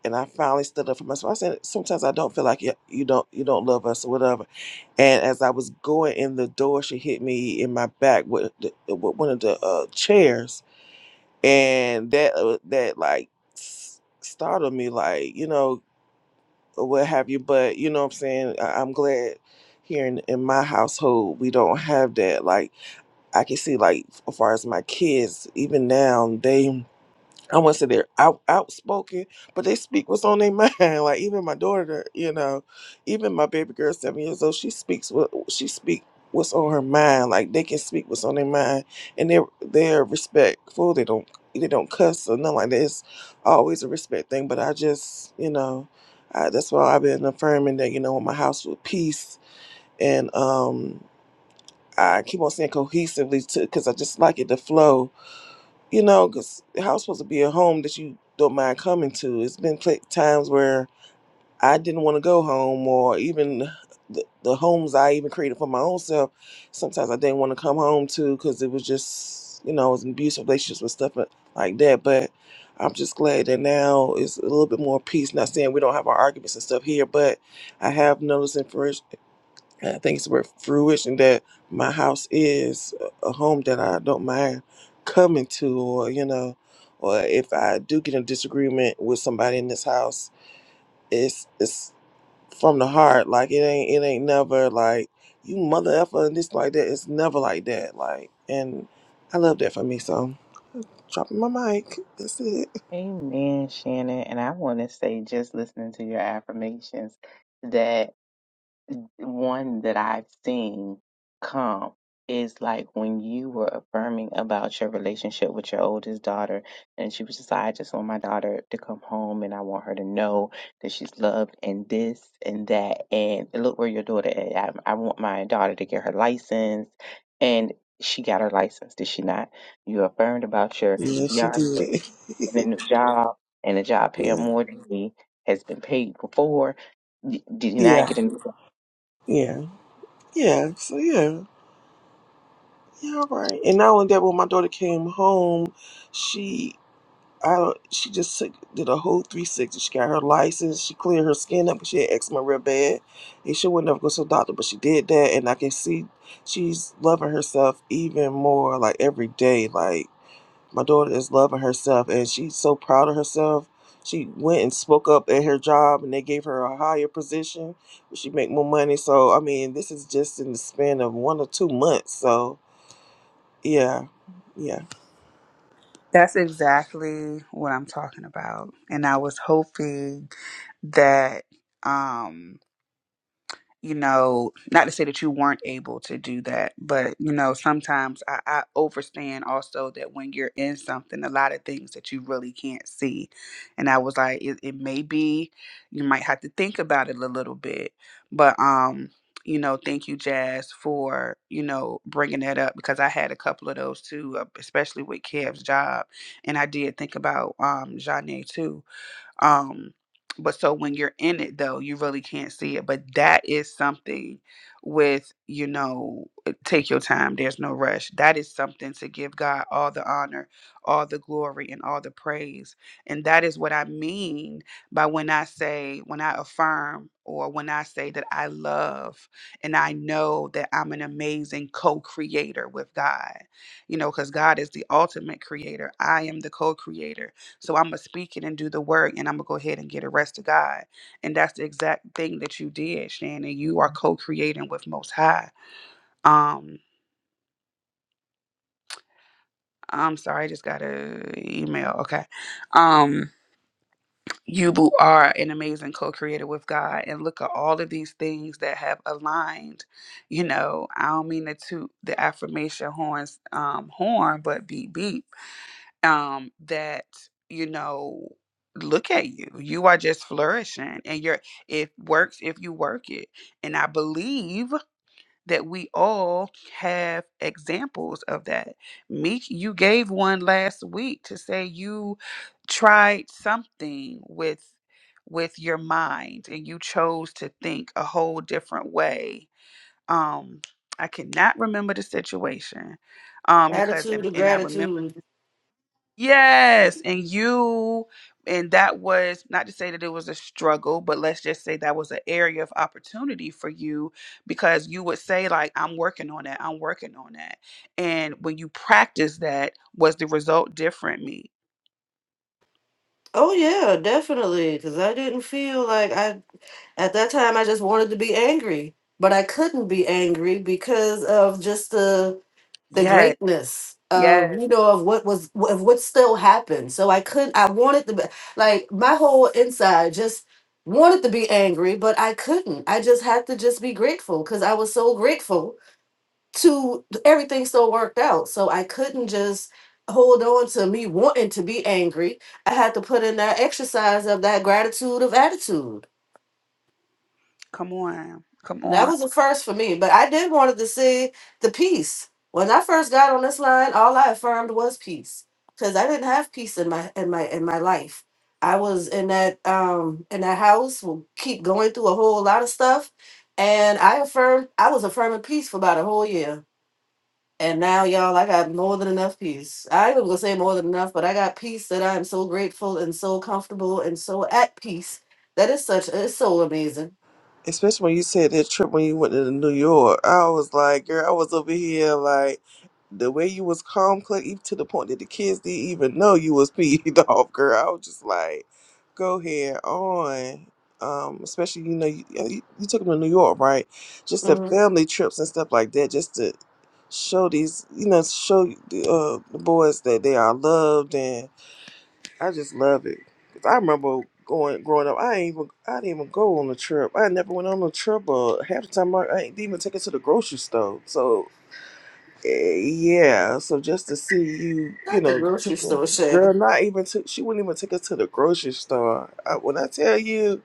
Speaker 4: and I finally stood up for myself. I said, sometimes I don't feel like you, you don't you don't love us or whatever. And as I was going in the door, she hit me in my back with, the, with one of the uh, chairs, and that uh, that like s- startled me, like you know or what have you. But you know what I'm saying. I, I'm glad here in, in my household we don't have that. Like I can see, like as far as my kids, even now they I want to say they're out, outspoken, but they speak what's on their mind. [LAUGHS] Like even my daughter, you know, even my baby girl, seven years old, she speaks what she speak what's on her mind. Like they can speak what's on their mind, and they're they're respectful. They don't they don't cuss or nothing like that. It's always a respect thing. But I just you know, I, that's why I've been affirming that you know in my house with peace and um I keep on saying cohesively too because I just like it to flow you know, because the house supposed to be a home that you don't mind coming to. It's been pla times where I didn't want to go home, or even the, the homes I even created for my own self. Sometimes I didn't want to come home to because it was just, you know, it was an abusive relationships with stuff li- like that. But I'm just glad that now it's a little bit more peace. Not saying we don't have our arguments and stuff here, but I have noticed and I think it's worth fruition that my house is a home that I don't mind coming to, or you know, or if I do get in disagreement with somebody in this house, it's it's from the heart. Like it ain't it ain't never like you mother effer and this like that. It's never like that. Like and I love that for me. So dropping my mic. That's it.
Speaker 6: Amen, Shannon. And I want to say, just listening to your affirmations, that one that I've seen come is like when you were affirming about your relationship with your oldest daughter, and she was just like, I just want my daughter to come home and I want her to know that she's loved and this and that. And look where your daughter is. I, I want my daughter to get her license. And she got her license, did she not? You affirmed about your
Speaker 4: Yeah, she
Speaker 6: fiance
Speaker 4: did. [LAUGHS]
Speaker 6: and a new job, and a job paying
Speaker 4: yeah.
Speaker 6: more than he has been paid before. D- Did you not
Speaker 4: Yeah.
Speaker 6: get a new
Speaker 4: Yeah. Yeah. So yeah. Yeah, right. And not only that, when my daughter came home, she I don't- she just took, did a whole 360. She got her license. She cleared her skin up, up. 'cause She had eczema real bad, and she would never go to the doctor, but she did that, and I can see she's loving herself even more. Like every day, like my daughter is loving herself, and she's so proud of herself. She went and spoke up at her job, and they gave her a higher position. She make more money. So I mean, this is just in the span of one or two months. So yeah, yeah.
Speaker 3: That's exactly what I'm talking about. And I was hoping that um you know, not to say that you weren't able to do that, but you know, sometimes I, I overstand also that when you're in something, a lot of things that you really can't see. And I was like, it, it may be you might have to think about it a little bit, but um, you know, thank you, Jazz, for you know bringing that up because I had a couple of those too, uh, especially with Kev's job, and I did think about um Janae too um, but so when you're in it though, you really can't see it. But that is something with, you know, eh, take your time, there's no rush. That is something to give God all the honor, all the glory, and all the praise. And that is what I mean by when I say, when I affirm, or when I say that I love and I know that I'm an amazing co creator with God, you know, because God is the ultimate creator. I am the co creator. So I'm gonna speak it and do the work, and I'm gonna go ahead and get a rest of God. And that's the exact thing that you did, Shannon. You are co-creating with Most High. Um, I'm sorry, I just got an email. Okay, um, you bo- are an amazing co-creator with God, and look at all of these things that have aligned. You know, I don't mean the two the affirmation horns um horn, but beep beep. um that you know look at you you are just flourishing and you're it works if you work it and i believe that we all have examples of that meek you gave one last week to say you tried something with with your mind and you chose to think a whole different way um i cannot remember the situation um because
Speaker 5: Attitude
Speaker 3: and,
Speaker 5: of
Speaker 3: and i remember you
Speaker 5: gratitude.
Speaker 3: Yes, and you and that was not to say that it was a struggle, but let's just say that was an area of opportunity for you because you would say like I'm working on that, I'm working on that. And when you practice that, was the result different me?
Speaker 5: Oh, yeah, definitely. Because I didn't feel like I At that time, I just wanted to be angry, but I couldn't be angry because of just the the
Speaker 3: Yes.
Speaker 5: greatness of
Speaker 3: Yes.
Speaker 5: you know of what was of what still happened. So I couldn't. I wanted to be like my whole inside just wanted to be angry, but I couldn't. I just had to just be grateful because I was so grateful to everything still worked out. So I couldn't just hold on to me wanting to be angry. I had to put in that exercise of that gratitude of attitude
Speaker 3: Come on. Come
Speaker 5: That
Speaker 3: on.
Speaker 5: was a first for me, but I did wanted to see the peace. When I first got on this line, all I affirmed was peace because I didn't have peace in my in my in my life. I was in that um in that house, will keep going through a whole lot of stuff, and I affirmed I was affirming peace for about a whole year. And now, y'all, I got more than enough peace. I ain't gonna say more than enough, but I got peace that I am so grateful and so comfortable and so at peace. That is such it's so amazing.
Speaker 4: Especially when you said that trip when you went to New York, I was like, girl, I was over here like the way you was calm, cl- even to the point that the kids didn't even know you was peed [LAUGHS] off, girl. I was just like, go ahead on. Um, especially you know you, yeah, you, you took them to New York, right? Just the
Speaker 5: Mm-hmm.
Speaker 4: family trips and stuff like that, just to show these you know show the, uh, the boys that they are loved I just love it. 'Cause I remember going growing up. I ain't even I didn't even go on a trip. I never went on a trip. Or half the time I, I ain't even take it to the grocery store. So eh, yeah. So just to see you, you
Speaker 5: Not the
Speaker 4: know,
Speaker 5: grocery
Speaker 4: take a-
Speaker 5: store,
Speaker 4: girl,
Speaker 5: Shannon.
Speaker 4: not even took. She wouldn't even take us to the grocery store. I, when I tell you,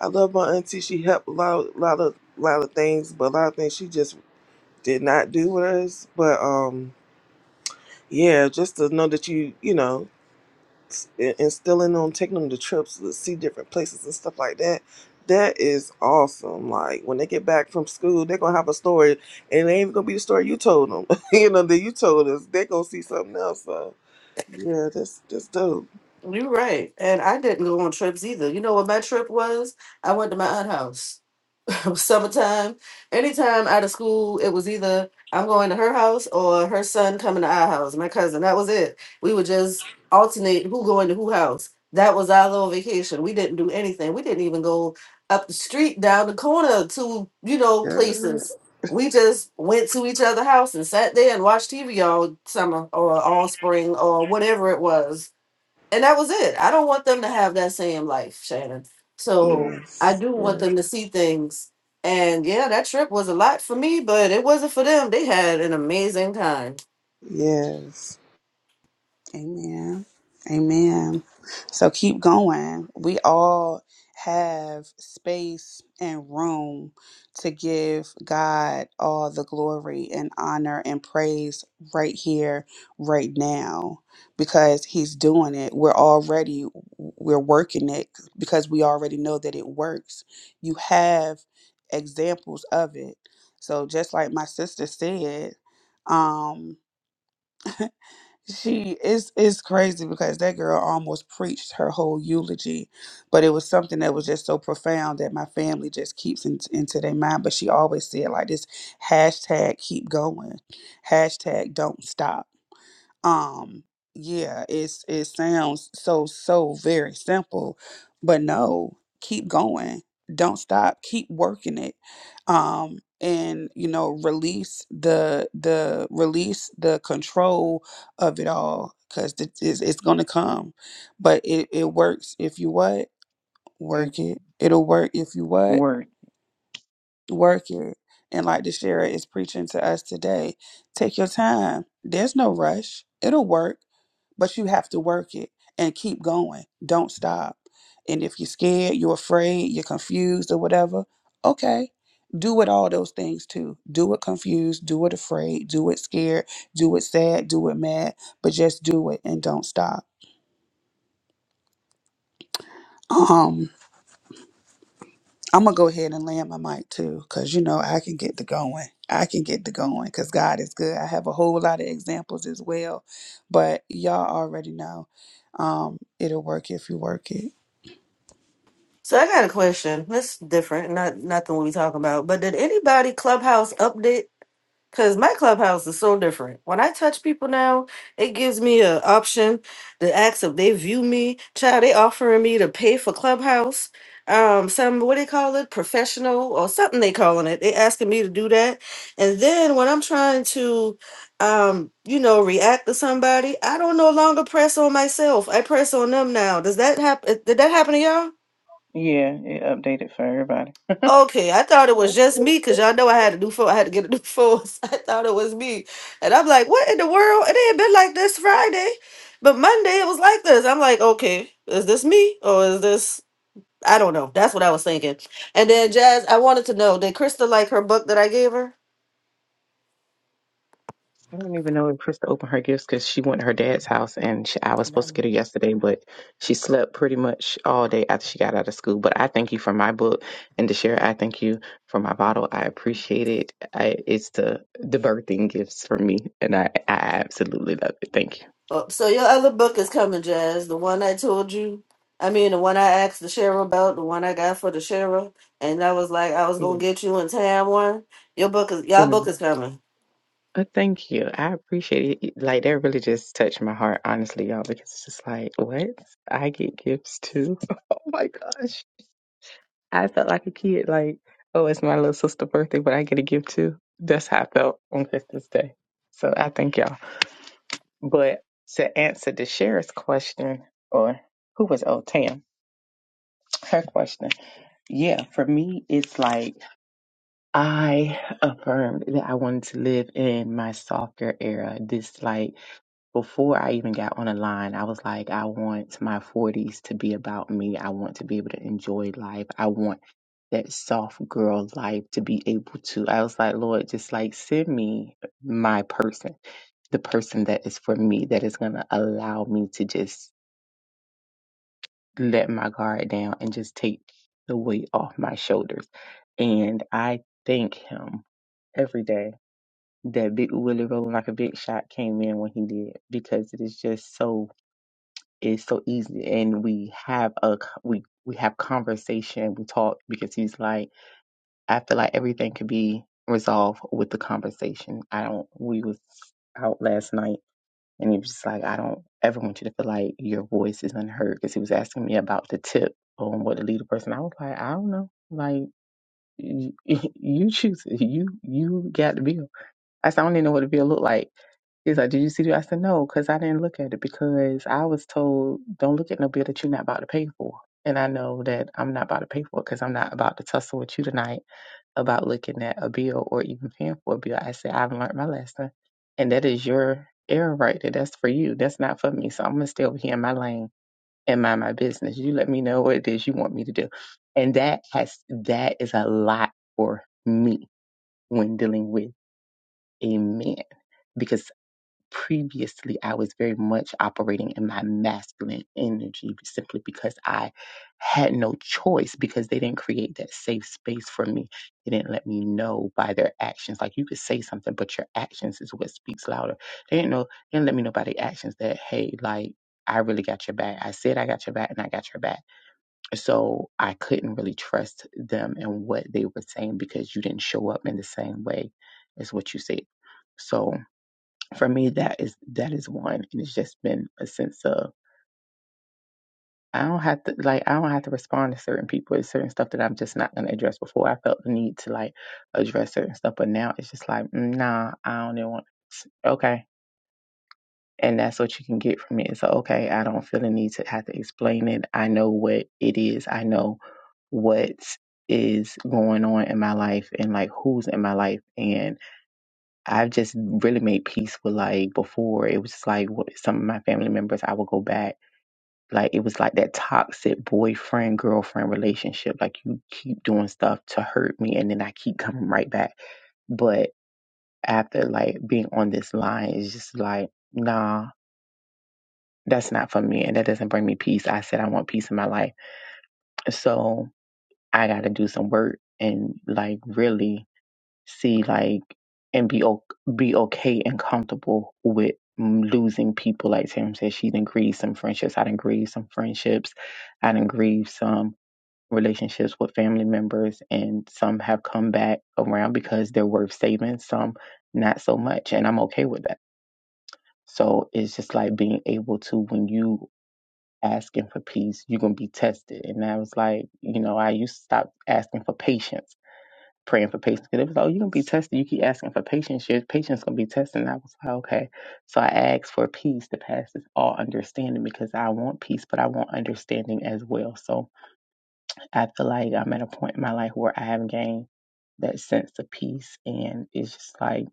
Speaker 4: I love my auntie. She helped a lot, lot of, lot of things, but a lot of things she just did not do with us. But um, yeah, just to know that you, you know. in- instilling them, taking them to trips to see different places and stuff like that. That is awesome. Like when they get back from school, they're gonna have a story, and it ain't gonna be the story you told them. [LAUGHS] you know that you told us. they gonna see something else. So yeah, that's that's dope.
Speaker 5: You're right. And I didn't go on trips either. You know what my trip was? I went to my aunt's house. [LAUGHS] summertime, anytime out of school, it was either I'm going to her house or her son coming to our house, my cousin. That was it. We would just alternate who going to who house. That was our little vacation. We didn't do anything. We didn't even go up the street, down the corner to, you know,
Speaker 4: Girl,
Speaker 5: places. We just went to each other's house and sat there and watched TV all summer or all spring or whatever it was and that was it. I don't want them to have that same life, Shannon. So I
Speaker 4: Yes,
Speaker 5: do want
Speaker 4: yes,
Speaker 5: them to see things. And yeah, that trip was a lot for me, but it wasn't for them. They had an amazing time.
Speaker 4: yes.
Speaker 3: Amen. Amen. So keep going. We all have space and room to give God all the glory and honor and praise right here, right now, because He's doing it. We're already we're working it because we already know that it works. You have examples of it. So just like my sister said, um [LAUGHS] She it's it's crazy because that girl almost preached her whole eulogy, but it was something that was just so profound that my family just keeps in, into their mind. But she always said like this hashtag keep going, hashtag don't stop um yeah it's it sounds so so very simple but no keep going don't stop keep working it um and you know release the the release the control of it all because it's, it's gonna come but it, it works if you what
Speaker 6: job?
Speaker 3: work it it'll work if you what
Speaker 6: Word.
Speaker 3: work it and like the sheriff is preaching to us today take your time there's no rush it'll work but you have to work it and keep going. Don't stop. And if you're scared, you're afraid, you're confused, or whatever, okay, do it all those things too. Do it confused, do it afraid, do it scared, do it sad, do it mad, but just do it and don't stop. Um, I'm gonna go ahead and land my mic too, cause you know I can get the going. I can get the going, cause God is good. I have a whole lot of examples as well, but y'all already know. Um, it'll work if you work it.
Speaker 5: So I got a question. That's different. Not nothing we talking about. But did anybody clubhouse update Cause my clubhouse is so different. When I touch people now, it gives me an option to ask if they view me. Child, they offering me to pay for clubhouse. Um, some what they call it, professional or something they calling it. They asking me to do that. And then when I'm trying to um, you know, react to somebody, I don't no longer press on myself. I press on them now. Does that happen did that happen to y'all?
Speaker 6: Yeah, it updated for everybody.
Speaker 5: Okay, I thought it was just me because y'all know I had a new phone. I had to get a new phone. [LAUGHS] so I thought it was me. And I'm like, what in the world? It ain't been like this Friday. But Monday it was like this. I'm like, okay, is this me or is this? I don't know. That's what I was thinking. And then Jazz, I wanted to know, did Krista like her book that I gave her?
Speaker 6: I don't even know if Krista opened her gifts because she went to her dad's house and she, I was supposed to get her yesterday, but she slept pretty much all day after she got out of school. But I thank you for my book and Deshara, I thank you for my bottle. I appreciate it. I, it's the the birthing gifts for me, and I, I absolutely love it. Thank
Speaker 5: Oh, so your other book is coming, Jazz. The one I told you. I mean, the one I asked the sheriff about, the one I got for the sheriff. And I was like, I was going to
Speaker 6: you.
Speaker 5: get you and Tam one. Your book is, y'all book is coming.
Speaker 6: Uh, thank you. I appreciate it. Like that really just touched my heart, honestly, y'all, because it's just like, what? I get gifts too. [LAUGHS] oh my gosh. I felt like a kid, like, oh, it's my little sister's birthday, but I get a gift too. That's how I felt on Christmas Day. So I thank y'all. But to answer the sheriff's question, or who was oh Tam, her question. Yeah, for me it's like I affirmed that I wanted to live in my softer era. This, like, before I even got on a line, I was like, I want my 40s to be about me. I want to be able to enjoy life. I want that soft girl life to be able to. I was like, Lord, just like send me my person, the person that is for me, that is going to allow me to just let my guard down and just take the weight off my shoulders. And I thank Him every day that Big Willie rolling like a big shot came in when he did because it is just so it's so easy and we have a c- we we have conversation we talk because he's like I feel like everything could be resolved with the conversation. I don't we was out last night and he was just like I don't ever want you to feel like your voice is unheard because he was asking me about the tip on what to lead a person. I was like I don't know like you, [LAUGHS] you choose it. you you got the bill I said, I don't even know what the bill looked like. He's like, Did you see it? I said, No, because I didn't look at it because I was told, Don't look at no bill that you're not about to pay for. And I know that I'm not about to pay for it because I'm not about to tussle with you tonight about looking at a bill or even paying for a bill. I said, I've learned my lesson. And that is your error right there. That's for you. That's not for me. So I'm going to stay over here in my lane and mind my business. You let me know what it is you want me to do. And that has, that is a lot for me when dealing with Amen. Because previously I was very much operating in my masculine energy simply because I had no choice because they didn't create that safe space for me. They didn't let me know by their actions. Like you could say something, but your actions is what speaks louder. They didn't know, they didn't let me know by their actions that, hey, like, I really got your back. I said I got your back and I got your back so I couldn't really trust them and what they were saying because you didn't show up in the same way as what you said. So for me, that is that is one, and it's just been a sense of I don't have to like I don't have to respond to certain people. It's certain stuff that I'm just not gonna address. Before I felt the need to like address certain stuff, but now it's just like mm, nah, I don't even want. Okay, And that's what you can get from it. So, okay, I don't feel the need to have to explain it. I know what it is. I know what is going on in my life and like who's in my life. And I've just really made peace with like before it was just like what some of my family members, I would go back. Like it was like that toxic boyfriend girlfriend relationship. Like you keep doing stuff to hurt me and then I keep coming right back. But after like being on this line, it's just like, nah. that's not for me and that doesn't bring me peace. I said I want peace in my life. So I got to do some work and like really see like and be o- be okay and comfortable with mm, losing people. Like Sam said, she didn't grieve some friendships. I didn't grieve some friendships. I didn't grieve some relationships with family members and some have come back around because they're worth saving. Some not so much. And I'm okay with that. So it's just like being able to when you asking for peace, you're gonna be tested. And I was like, you know, I used to stop asking for patience, praying for patience. Because it was, like, oh, you're gonna be tested. You keep asking for patience, your patience gonna be tested. And I was like, okay. So I asked for peace to pass this all understanding because I want peace, but I want understanding as well. So I feel like I'm at a point in my life where I have gained that sense of peace and it's just like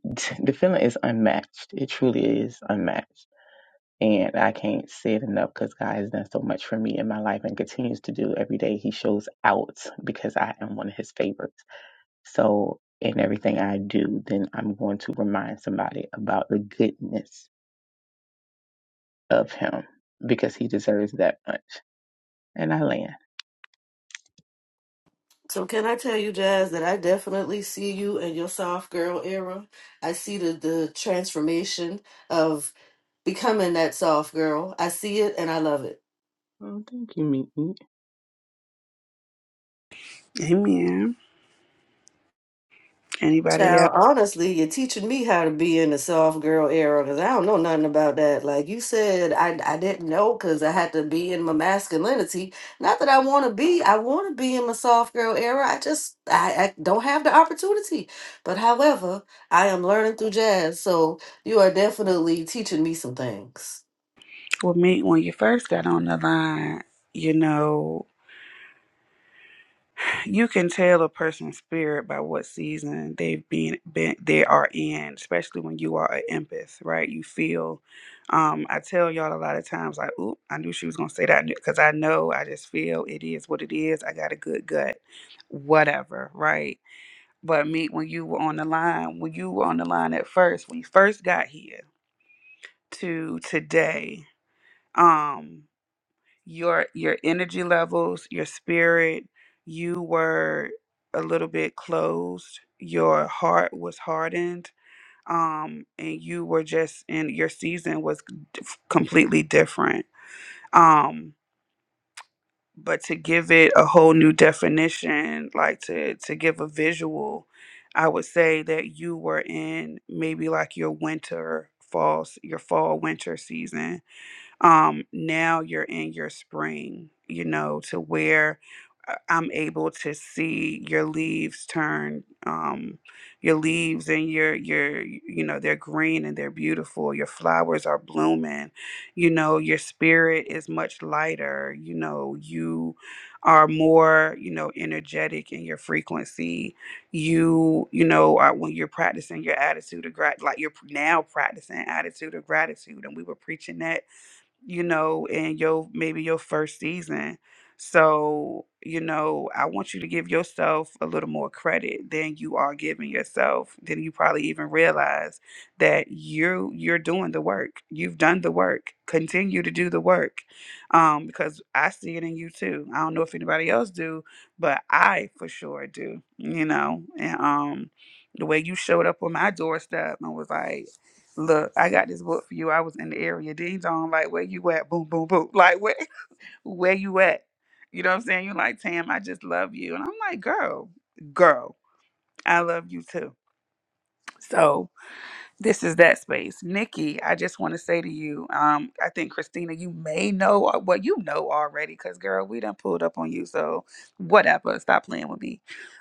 Speaker 6: [LAUGHS] the feeling is unmatched. It truly is unmatched. And I can't say it enough because God has done so much for me in my life and continues to do every day. He shows out because I am one of his favorites. So, in everything I do, then I'm going to remind somebody about the goodness of him because he deserves that much. And I land.
Speaker 5: So can I tell you, Jazz, that I definitely see you in your soft girl era. I see the the transformation of becoming that soft girl. I see it and I love it.
Speaker 6: Oh, thank you, Meet.
Speaker 3: Amen. Anybody
Speaker 5: Now,
Speaker 3: else?
Speaker 5: honestly, you're teaching me how to be in the soft girl era because I don't know nothing about that. Like you said, I, I didn't know because I had to be in my masculinity. Not that I want to be, I want to be in my soft girl era. I just I, I don't have the opportunity. But however, I am learning through jazz, so you are definitely teaching me some things.
Speaker 3: Well, me, when you first got on the line, you know, you can tell a person's spirit by what season they've been, been they are in, especially when you are an empath, right? You feel. Um, I tell y'all a lot of times, like, "Oop, I knew she was gonna say that," because I know, I just feel it is what it is. I got a good gut, whatever, right? But me, when you were on the line, when you were on the line at first, when you first got here to today, um. your your energy levels, your spirit, you were a little bit closed. Your heart was hardened. Um, and you were just and your season was d- completely different. Um, but to give it a whole new definition, like to to give a visual, I would say that you were in maybe like your winter fall, your fall winter season um now you're in your spring you know to where uh, i'm able to see your leaves turn um your leaves and your your you know they're green and they're beautiful your flowers are blooming you know your spirit is much lighter you know you are more you know energetic in your frequency you you know are, when you're practicing your attitude of grat like you're now practicing attitude of gratitude and we were preaching that you know, in your maybe your first season. So, you know, I want you to give yourself a little more credit than you are giving yourself. Then you probably even realize that you you're doing the work. You've done the work. Continue to do the work. Um, because I see it in you too. I don't know if anybody else do, but I for sure do, you know. And um the way you showed up on my doorstep and was like, Look, I got this book for you. I was in the area. Ding dong, like where you at? Boom, boom, boom. [LAUGHS] Like where where you at? You know what I'm saying? You're like, Tam, I just love you. And I'm like, girl, girl, I love you too. So. This is that space. Nikki, I just want to say to you, um, I think Christina, you may know or- well, you know already, because girl, we done pulled up on you. So whatever, stop playing with me.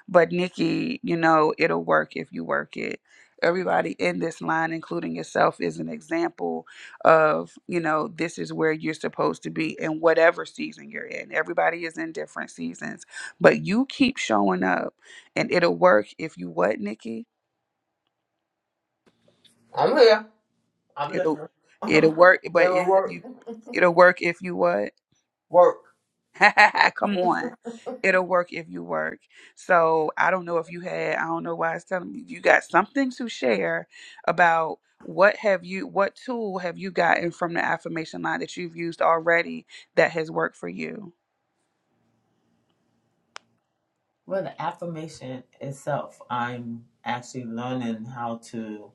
Speaker 3: But Nikki, you know, it'll work if you work it. Everybody in this line, including yourself, is an example of, you know, this is where you're supposed to be in whatever season you're in. Everybody is in different seasons, but you keep showing up and it'll work if you what, Nikki?
Speaker 8: I'm here. I'm
Speaker 3: It'll
Speaker 8: listening. [LAUGHS] it
Speaker 3: it'll work, but
Speaker 8: will
Speaker 3: it have
Speaker 8: work.
Speaker 3: you it'll work if you what?
Speaker 8: Work.
Speaker 3: [LAUGHS] Come on. It'll work if you work. So I don't know if you had I don't know why it's telling me you got something to share about what have you what tool have you gotten from the affirmation line that you've used already that has worked for you?
Speaker 8: Well, the affirmation itself, I'm actually learning how to,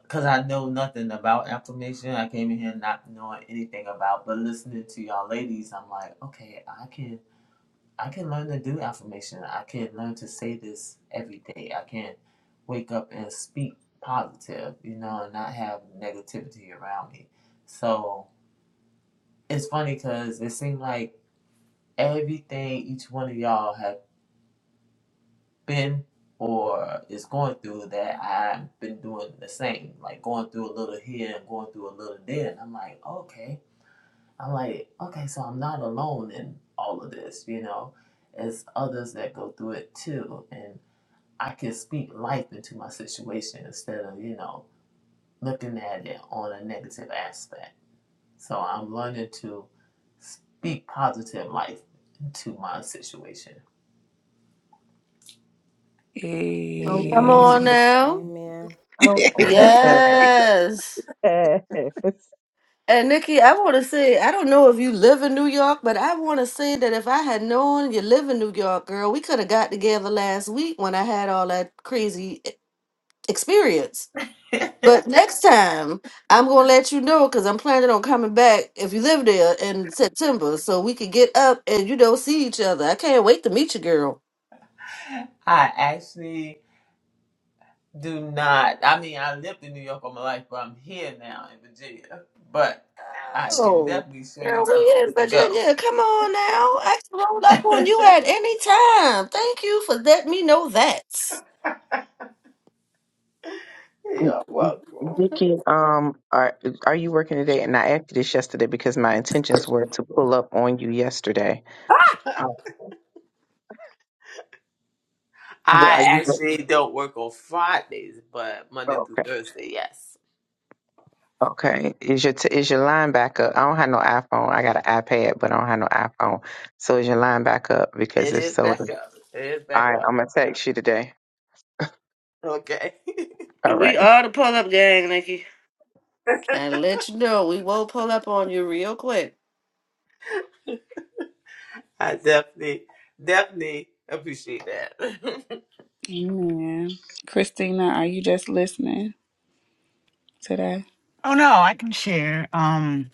Speaker 8: because I know nothing about affirmation. I came in here not knowing anything about, but listening to y'all ladies, I'm like, okay, I can, I can learn to do affirmation. I can learn to say this every day. I can wake up and speak positive, you know, and not have negativity around me. So it's funny because it seemed like everything each one of y'all have been or is going through that I've been doing the same, like going through a little here and going through a little there. And I'm like, okay. I'm like, okay, so I'm not alone in all of this, you know. It's others that go through it too. And I can speak life into my situation instead of, you know, looking at it on a negative aspect. So I'm learning to speak positive life into my situation.
Speaker 6: Oh,
Speaker 5: Come
Speaker 7: Amen.
Speaker 3: Hey.
Speaker 5: on
Speaker 6: boy.
Speaker 5: now.
Speaker 7: Amen.
Speaker 6: Oh,
Speaker 3: [LAUGHS]
Speaker 8: [LAUGHS]
Speaker 6: boy. [LAUGHS]
Speaker 5: Yes.
Speaker 6: Yes.
Speaker 5: And Nikki, I want to say, I don't know if you live in New York, but I want to say that if I had known you live in New York, girl, we could have got together last week when I had all that crazy e- experience. But next time, I'm going to let you know because I'm planning on coming back if you live there in September so we could get up and, you know, see each other. I can't wait to meet you, girl.
Speaker 8: I actually do not. I mean, I lived in New York all my life, but I'm here now in Virginia. But I can
Speaker 5: Oh,
Speaker 8: definitely show
Speaker 5: girl,
Speaker 8: you
Speaker 5: we in
Speaker 8: places to go.
Speaker 5: Virginia. Come on now. I can roll up on
Speaker 8: [LAUGHS]
Speaker 5: you at any time. Thank you for letting me know that.
Speaker 8: You're welcome.
Speaker 6: Nikki, um, are are you working today? And I asked you this yesterday because my intentions were to pull up on you yesterday. Oh, but are
Speaker 8: I
Speaker 6: you
Speaker 8: actually don't work on Fridays, but
Speaker 6: oh,
Speaker 8: Monday through
Speaker 6: okay?
Speaker 8: Thursday, yes.
Speaker 6: Okay. Is your t- is your line back up? I don't have no iPhone. I got an iPad, but I don't have no iPhone. So is your line back up? Because
Speaker 8: It
Speaker 6: if
Speaker 8: is
Speaker 6: so,
Speaker 8: back
Speaker 6: then-
Speaker 8: up. It is
Speaker 6: all
Speaker 8: back
Speaker 6: right,
Speaker 8: up.
Speaker 6: I'm gonna text you today.
Speaker 8: Okay. [LAUGHS]
Speaker 6: All
Speaker 5: We
Speaker 6: right.
Speaker 5: are the pull up gang, Nikki. Gotta let you know, we will pull up on you real quick.
Speaker 8: I definitely, definitely appreciate that.
Speaker 3: Amen. Christina, are you just listening today?
Speaker 2: Oh no, I can share. Um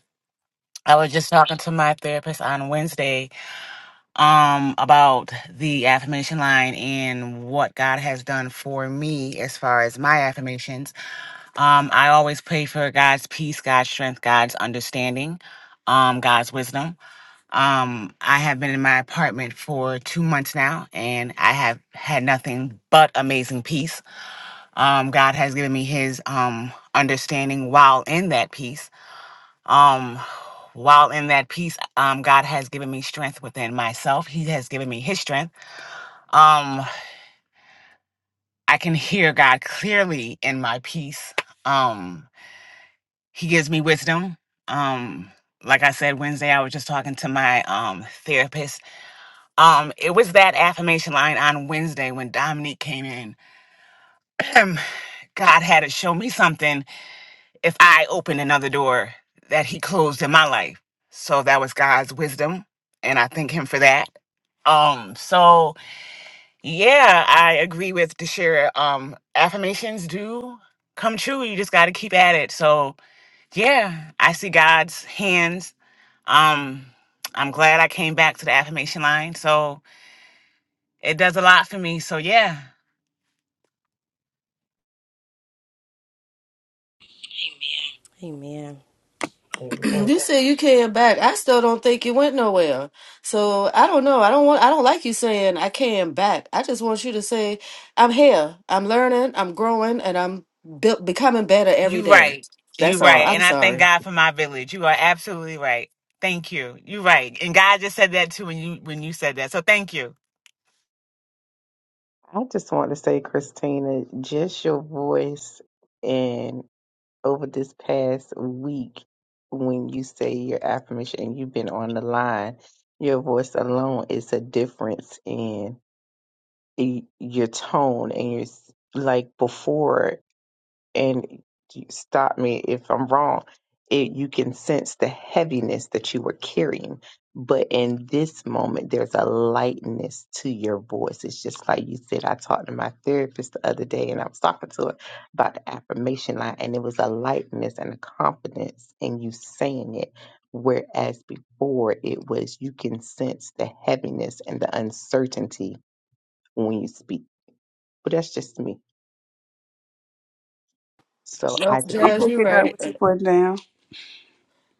Speaker 2: I was just talking to my therapist on Wednesday um about the affirmation line and what God has done for me as far as my affirmations. Um, I always pray for God's peace, God's strength, God's understanding, um, God's wisdom. Um, I have been in my apartment for two months now, and I have had nothing but amazing peace. Um, God has given me His um, understanding while in that peace. Um, while in that peace, um, God has given me strength within myself. He has given me His strength. Um, I can hear God clearly in my peace. Um, He gives me wisdom. Um, like I said Wednesday, I was just talking to my um therapist. Um, it was that affirmation line on Wednesday when Dominique came in. Um, God had to show me something if I opened another door that He closed in my life. So that was God's wisdom, and I thank Him for that. Um, so yeah, I agree with Deshira. Um, affirmations do come true. You just got to keep at it. So yeah, I see God's hands. Um, I'm glad I came back to the affirmation line. So it does a lot for me. So yeah,
Speaker 7: Amen.
Speaker 8: [LAUGHS]
Speaker 5: [CLEARS THROAT]
Speaker 8: Amen.
Speaker 5: you said you came back. I still don't think you went nowhere. So I don't know. I don't want. I don't like you saying I came back. I just want you to say I'm here. I'm learning. I'm growing, and I'm built becoming better every
Speaker 2: you
Speaker 5: day.
Speaker 2: right. You
Speaker 5: That's all.
Speaker 2: right.
Speaker 5: I'm
Speaker 2: And I thank
Speaker 5: sorry.
Speaker 2: God for my village. You are absolutely right. Thank you. You right. And God just said that too when you when you said that. So thank you.
Speaker 6: I just want to say, Christina, just your voice and over this past week when you say your affirmation and you've been on the line, your voice alone is a difference in y- your tone and your s- like before. and you- stop me if I'm wrong, it, you can sense the heaviness that you were carrying. But in this moment, there's a lightness to your voice. It's just like you said, I talked to my therapist the other day and I was talking to her about the affirmation line, and it was a lightness and a confidence in you saying it. Whereas before, it was you can sense the heaviness and the uncertainty when you speak. But that's just me. So
Speaker 5: Nope,
Speaker 6: I
Speaker 3: I'm
Speaker 6: just.
Speaker 5: Jazz, you're
Speaker 3: picking up
Speaker 5: right.
Speaker 3: what you put down.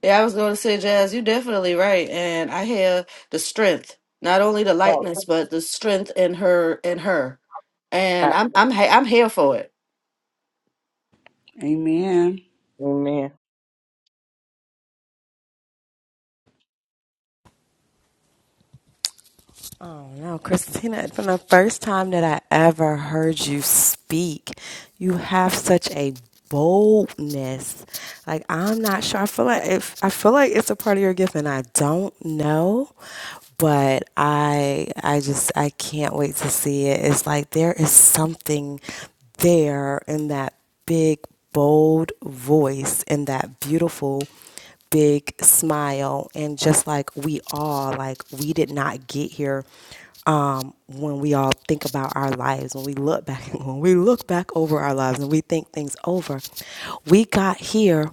Speaker 5: Yeah, I was going to say, Jazz, you're definitely right, and I hear the strength, not only the lightness, but the strength in her, in her, and I'm, I'm, ha- I'm here for it.
Speaker 3: Amen.
Speaker 6: Amen.
Speaker 7: Oh no, Christina, From the first time that I ever heard you speak. You have such a boldness. Like I'm not sure. I feel like if I feel like it's a part of your gift and I don't know, but I I just I can't wait to see it. It's like there is something there in that big bold voice and that beautiful big smile and just like we all like we did not get here um, when we all think about our lives when we look back [LAUGHS] when we look back over our lives and we think things over we got here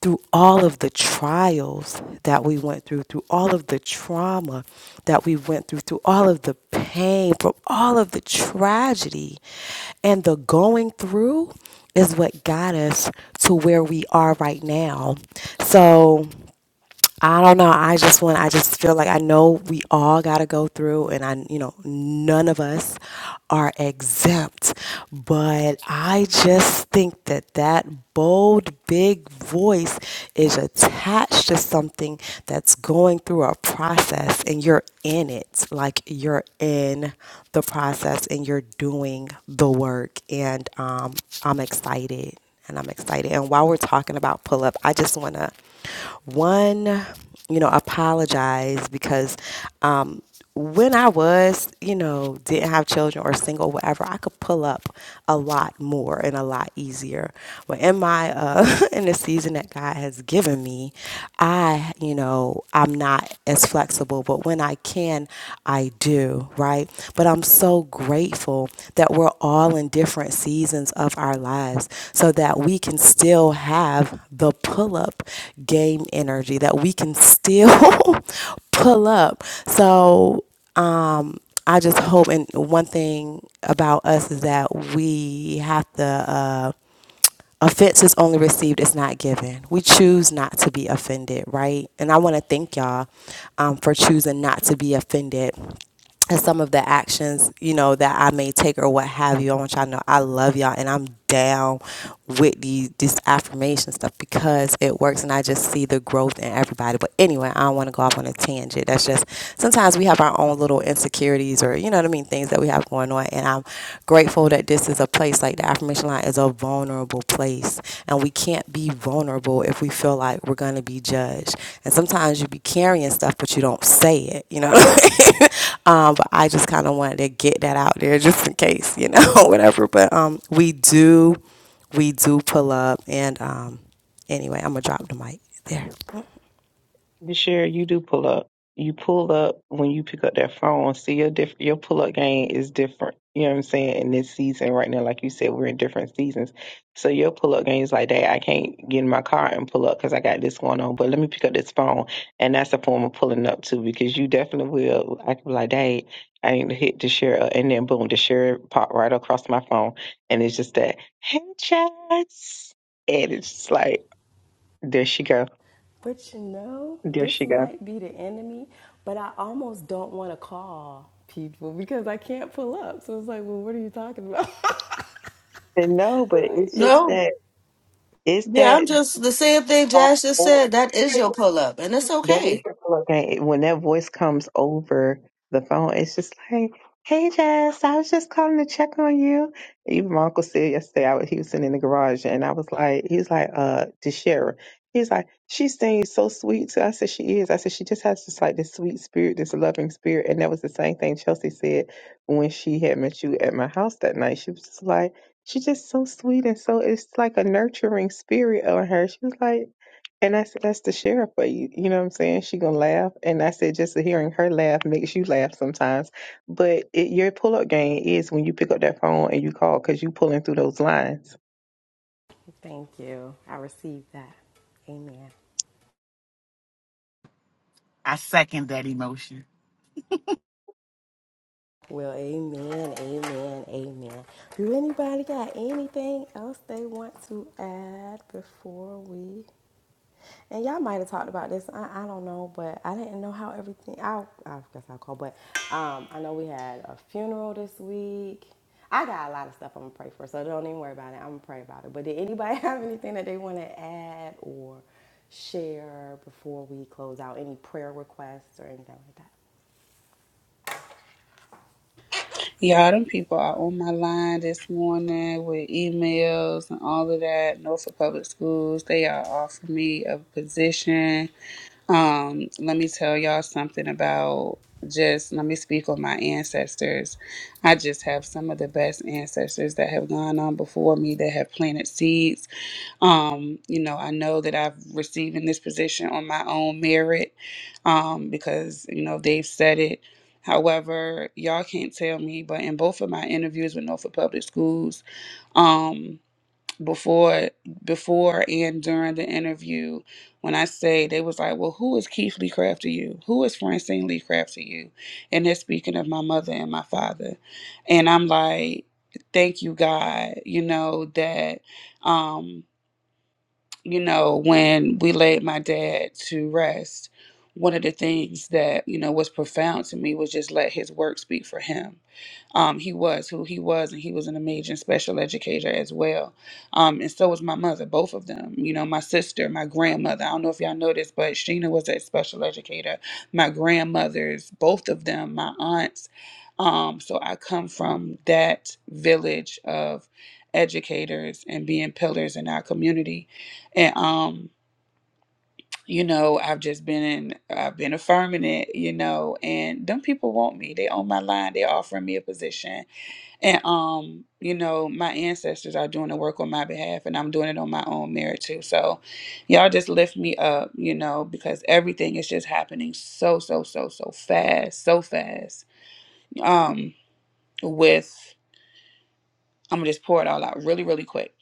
Speaker 7: through all of the trials that we went through through all of the trauma that we went through through all of the pain from all of the tragedy and the going through is what got us to where we are right now. So I don't know. I just want, I just feel like I know we all got to go through, and I, you know, none of us are exempt. But I just think that that bold, big voice is attached to something that's going through a process, and you're in it. Like you're in the process and you're doing the work. And um, I'm excited and I'm excited. And while we're talking about pull up, I just want to one, you know, apologize because um, when I was, you know, didn't have children or single, whatever, I could pull up a lot more and a lot easier. But in my uh, [LAUGHS] in the season that God has given me, I, you know, I'm not as flexible, but when I can, I do, right? But I'm so grateful that we're all in different seasons of our lives so that we can still have the pull up game energy, that we can still [LAUGHS] pull up. So, I just hope, and one thing about us is that we have to. Uh, offense is only received it's not given we choose not to be offended right and i want to thank y'all um, for choosing not to be offended and some of the actions you know that i may take or what have you i want y'all to know i love y'all and i'm down with these this affirmation stuff because it works and I just see the growth in everybody. But anyway, I don't want to go off on a tangent. That's just sometimes we have our own little insecurities or you know what I mean, things that we have going on and I'm grateful that this is a place like the affirmation line is a vulnerable place and we can't be be vulnerable if we feel like we're going to be judged. And sometimes you be carrying stuff, but you don't say it, you know what I mean? [LAUGHS] um, but I just kind of wanted to get that out there just in case, you know, [LAUGHS] whatever. But um, we do, we do pull up. And um, anyway, I'm going to drop the mic there.
Speaker 6: Bashir, you do pull up. You pull up when you pick up that phone. See your diff- your pull up game is different. You know what I'm saying? In this season right now, like you said, we're in different seasons. So your pull up game is like that. I can't get in my car and pull up because I got this going on. But let me pick up this phone, and that's a form of pulling up too. Because you definitely will. I can be like, "Dang, I need to hit the share," up," and then boom, the share pop right across my phone, and it's just that hey, Chats, and it's just like there she go,
Speaker 7: But you know,
Speaker 6: there
Speaker 7: this
Speaker 6: she go.
Speaker 7: might be the enemy, but I almost don't want to call people because I can't pull up. So it's like, well, what are you talking about?
Speaker 6: And no,
Speaker 7: [LAUGHS]
Speaker 6: but
Speaker 7: like,
Speaker 6: it's just
Speaker 7: yeah.
Speaker 5: No,
Speaker 6: that it's
Speaker 5: yeah,
Speaker 6: that
Speaker 5: I'm just the same thing
Speaker 6: soft
Speaker 5: Jazz just said.
Speaker 6: voice.
Speaker 5: That is your pull up, and it's
Speaker 6: That is
Speaker 5: okay.
Speaker 6: your When that voice comes over the phone, it's just like, "Hey, Jess, I was just calling to check on you." Even my uncle said yesterday, I was, he was sitting in the garage, and I was like, he was like, uh, to Shara. He's like, she sings so sweet. So I said, she is. I said, she just has just like this sweet spirit, this loving spirit. And that was the same thing Chelsea said when she had met you at my house that night. She was just like, she's just so sweet and so it's like a nurturing spirit on her. She was like. And I said, that's the sheriff for you. You know what I'm saying? She gonna laugh. And I said, just hearing her laugh makes you laugh sometimes. But it, your pull up game is when you pick up that phone and you call because you pulling through those lines.
Speaker 7: Thank you. I received that. Amen.
Speaker 2: I second that emotion.
Speaker 7: Well, amen, amen, amen. Do anybody got anything else they want to add before we? And y'all might have talked about this. I, I don't know, but I didn't know how everything. I I guess I'll call. But um, I know we had a funeral this week. I got a lot of stuff I'm gonna pray for, so don't even worry about it. I'm gonna pray about it. But did anybody [LAUGHS] have anything that they want to add or share before we close out? Any prayer requests or anything like that?
Speaker 3: Y'all, them people are on my line this morning with emails and all of that. Norfolk Public Schools, they are offering me a position. Um, let me tell y'all something about just let me speak on my ancestors. I just have some of the best ancestors that have gone on before me that have planted seeds um, you know, I know that I've received in this position on my own merit um, because, you know, they've said it. However, y'all can't tell me, but in both of my interviews with Norfolk Public Schools, um, before before and during the interview, when I say they was like, Well, who is Keith Lee Craft to you? Who is Francine Lee Craft to you? And they're speaking of my mother and my father. And I'm like, Thank you, God, you know, that um you know, when we laid my dad to rest, one of the things that, you know, was profound to me was just let his work speak for him um, he was who he was, and he was an amazing special educator as well. Um, and so was my mother, both of them. You know, my sister, my grandmother. I don't know if y'all know this, but Sheena was a special educator. My grandmothers, both of them, my aunts. Um, so I come from that village of educators and being pillars in our community. And um, you know, I've just been in I've been affirming it, you know, and them people want me. They on my line, they're offering me a position and um, you know, my ancestors are doing the work on my behalf and I'm doing it on my own merit too. So y'all just lift me up, you know, because everything is just happening so, so, so, so fast, so fast. Um, with I'm gonna just pour it all out really, really quick.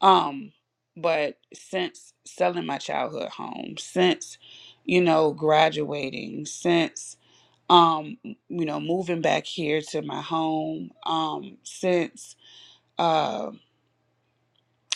Speaker 3: Um, but since selling my childhood home, since, you know, graduating, since um, you know, moving back here to my home, um, since uh,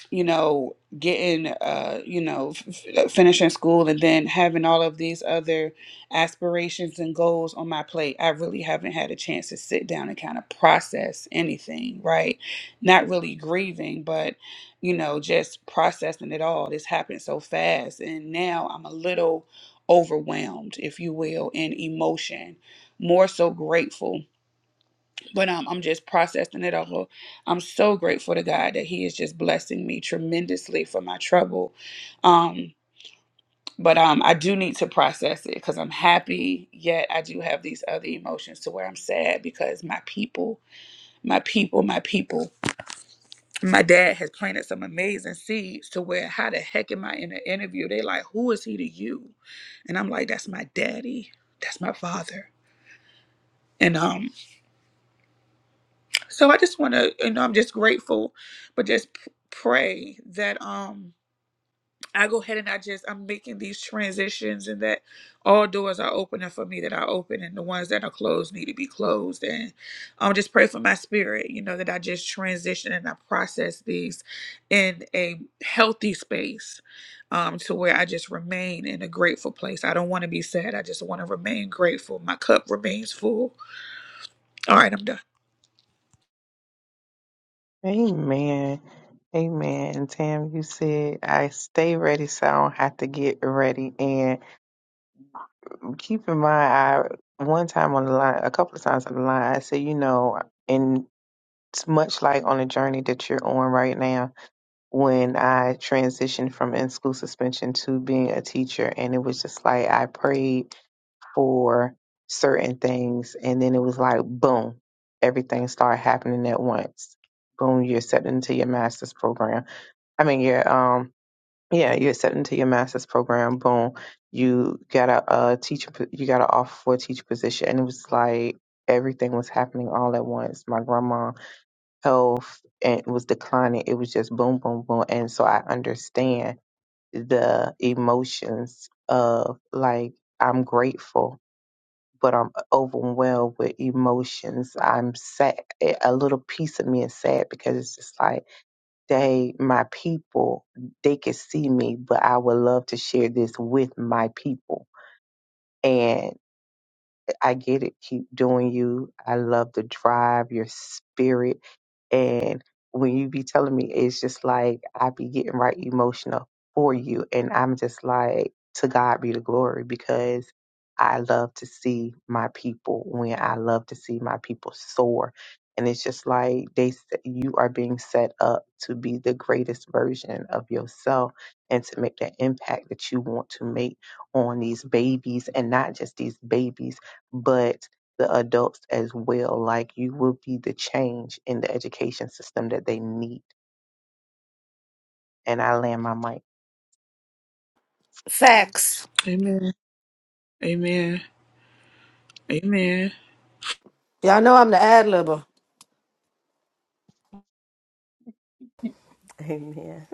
Speaker 3: you know, getting, uh, you know, f- f- uh, finishing school and then having all of these other aspirations and goals on my plate, I really haven't had a chance to sit down and kind of process anything, right? Not really grieving, but, you know, just processing it all. This happened so fast. And now I'm a little overwhelmed, if you will, in emotion, more so grateful but um, I'm just processing it all. I'm so grateful to God that He is just blessing me tremendously for my trouble. Um, but um, I do need to process it because I'm happy, yet I do have these other emotions to where I'm sad because my people, my people, my people. My dad has planted some amazing seeds to where how the heck am I in an interview? They like, who is he to you? And I'm like, that's my daddy, that's my father. And um, So I just want to, you know, I'm just grateful, but just p- pray that um I go ahead and I just I'm making these transitions and that all doors are opening for me that are open and the ones that are closed need to be closed and um just pray for my spirit, you know, that I just transition and I process these in a healthy space. Um, to where I just remain in a grateful place. I don't want to be sad. I just want to remain grateful. My cup remains full. All right, I'm done.
Speaker 6: Amen. Amen. And Tam, you said, I stay ready so I don't have to get ready. And keep in mind, I one time on the line, a couple of times on the line, I said, you know, and it's much like on the journey that you're on right now when I transitioned from in school suspension to being a teacher. And it was just like I prayed for certain things, and then it was like, boom, everything started happening at once. Boom, you're accepted into your master's program. I mean, you're um, yeah, you're accepted into your master's program. Boom, you got a, uh teacher, po- you got an offer for a teacher position, and it was like everything was happening all at once. My grandma health and was declining. It was just boom, boom, boom. And so I understand the emotions of like, I'm grateful, but I'm overwhelmed with emotions. I'm sad. A little piece of me is sad because it's just like, they, my people, they could see me, but I would love to share this with my people. I get it. Keep doing you. I love the drive, your spirit. And when you be telling me, it's just like I be getting right emotional for you. And I'm just like, to God be the glory because I love to see my people when I love to see my people soar. And it's just like they s- you are being set up to be the greatest version of yourself and to make that impact that you want to make on these babies and not just these babies but the adults as well. Like you will be the change in the education system that they need. And I land my mic.
Speaker 5: Facts.
Speaker 3: Amen. Amen. Amen.
Speaker 5: Y'all know I'm the ad libber.
Speaker 7: Amen.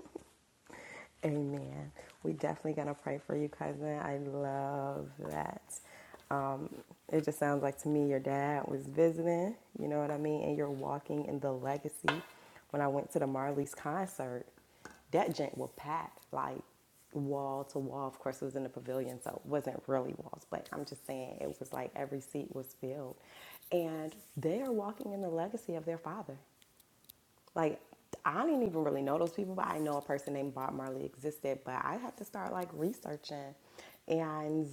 Speaker 7: Amen. We definitely gonna pray for you, cousin. I love that. Um, it just sounds like to me your dad was visiting, you know what I mean, and you're walking in the legacy. When I went to the Marley's concert, that gent was packed like wall to wall. Of course, it was in the pavilion, so it wasn't really walls, but I'm just saying it was like every seat was filled. And they are walking in the legacy of their father like I didn't even really know those people, but I know a person named Bob Marley existed. But I had to start like researching, and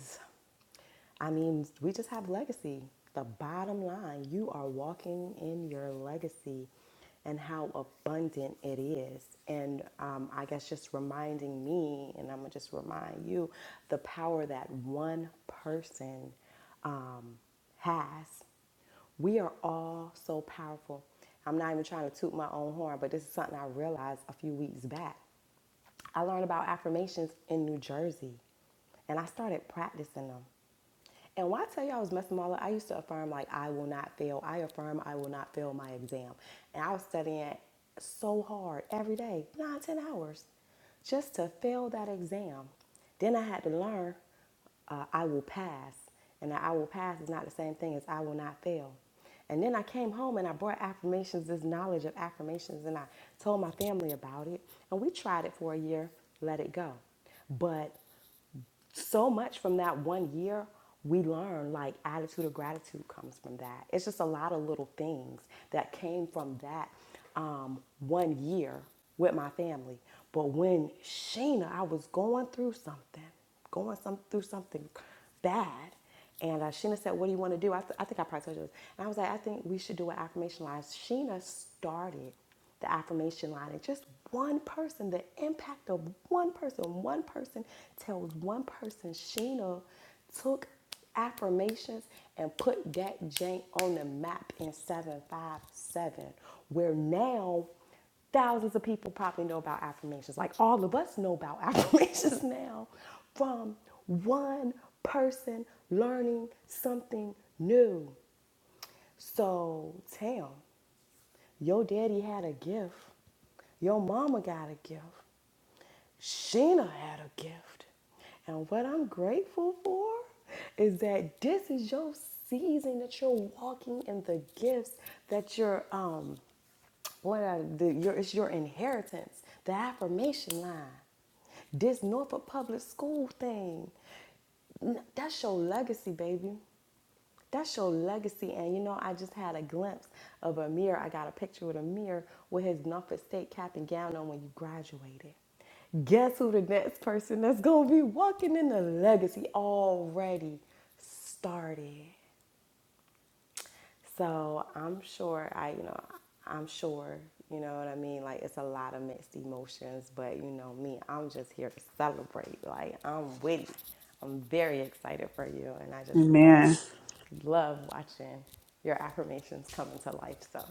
Speaker 7: I mean, we just have legacy. The bottom line, you are walking in your legacy and how abundant it is. And um, I guess just reminding me, and I'm going to just remind you, the power that one person um, has. We are all so powerful. I'm not even trying to toot my own horn, but this is something I realized a few weeks back. I learned about affirmations in New Jersey and I started practicing them. And why I tell you I was messing all up, I used to affirm like I will not fail. I affirm I will not fail my exam. And I was studying so hard every day, nine, ten hours, just to fail that exam. Then I had to learn uh, I will pass. And that I will pass is not the same thing as I will not fail. And then I came home and I brought affirmations, this knowledge of affirmations, and I told my family about it. And we tried it for a year, let it go. But so much from that one year we learn like attitude of gratitude comes from that it's just a lot of little things that came from that um, one year with my family but when sheena i was going through something going some, through something bad and uh, Sheena said, What do you want to do? I, th- I think I probably told you this. And I was like, I think we should do an affirmation line. Sheena started the affirmation line. And just one person, the impact of one person, one person tells one person, Sheena took affirmations and put that jank on the map in 757, where now Thousands of people probably know about affirmations. Like all of us know about [LAUGHS] affirmations now from one person learning something new. So, Tam, your daddy had a gift. Your mama got a gift. Sheena had a gift. And what I'm grateful for is that this is your season that you're walking in the gifts that you're um what are the, your, it's your inheritance, the affirmation line. This Norfolk Public School thing, that's your legacy, baby. That's your legacy. And you know, I just had a glimpse of Amir. I got a picture with Amir with his Norfolk State cap and gown on when you graduated. Guess who the next person that's gonna be walking in the legacy already started? So I'm sure I, you know, I'm sure, you know what I mean? Like it's a lot of mixed emotions, but you know me, I'm just here to celebrate. Like I'm with it. I'm very excited for you and I just love,
Speaker 3: Amen.
Speaker 7: love watching your affirmations come into life. So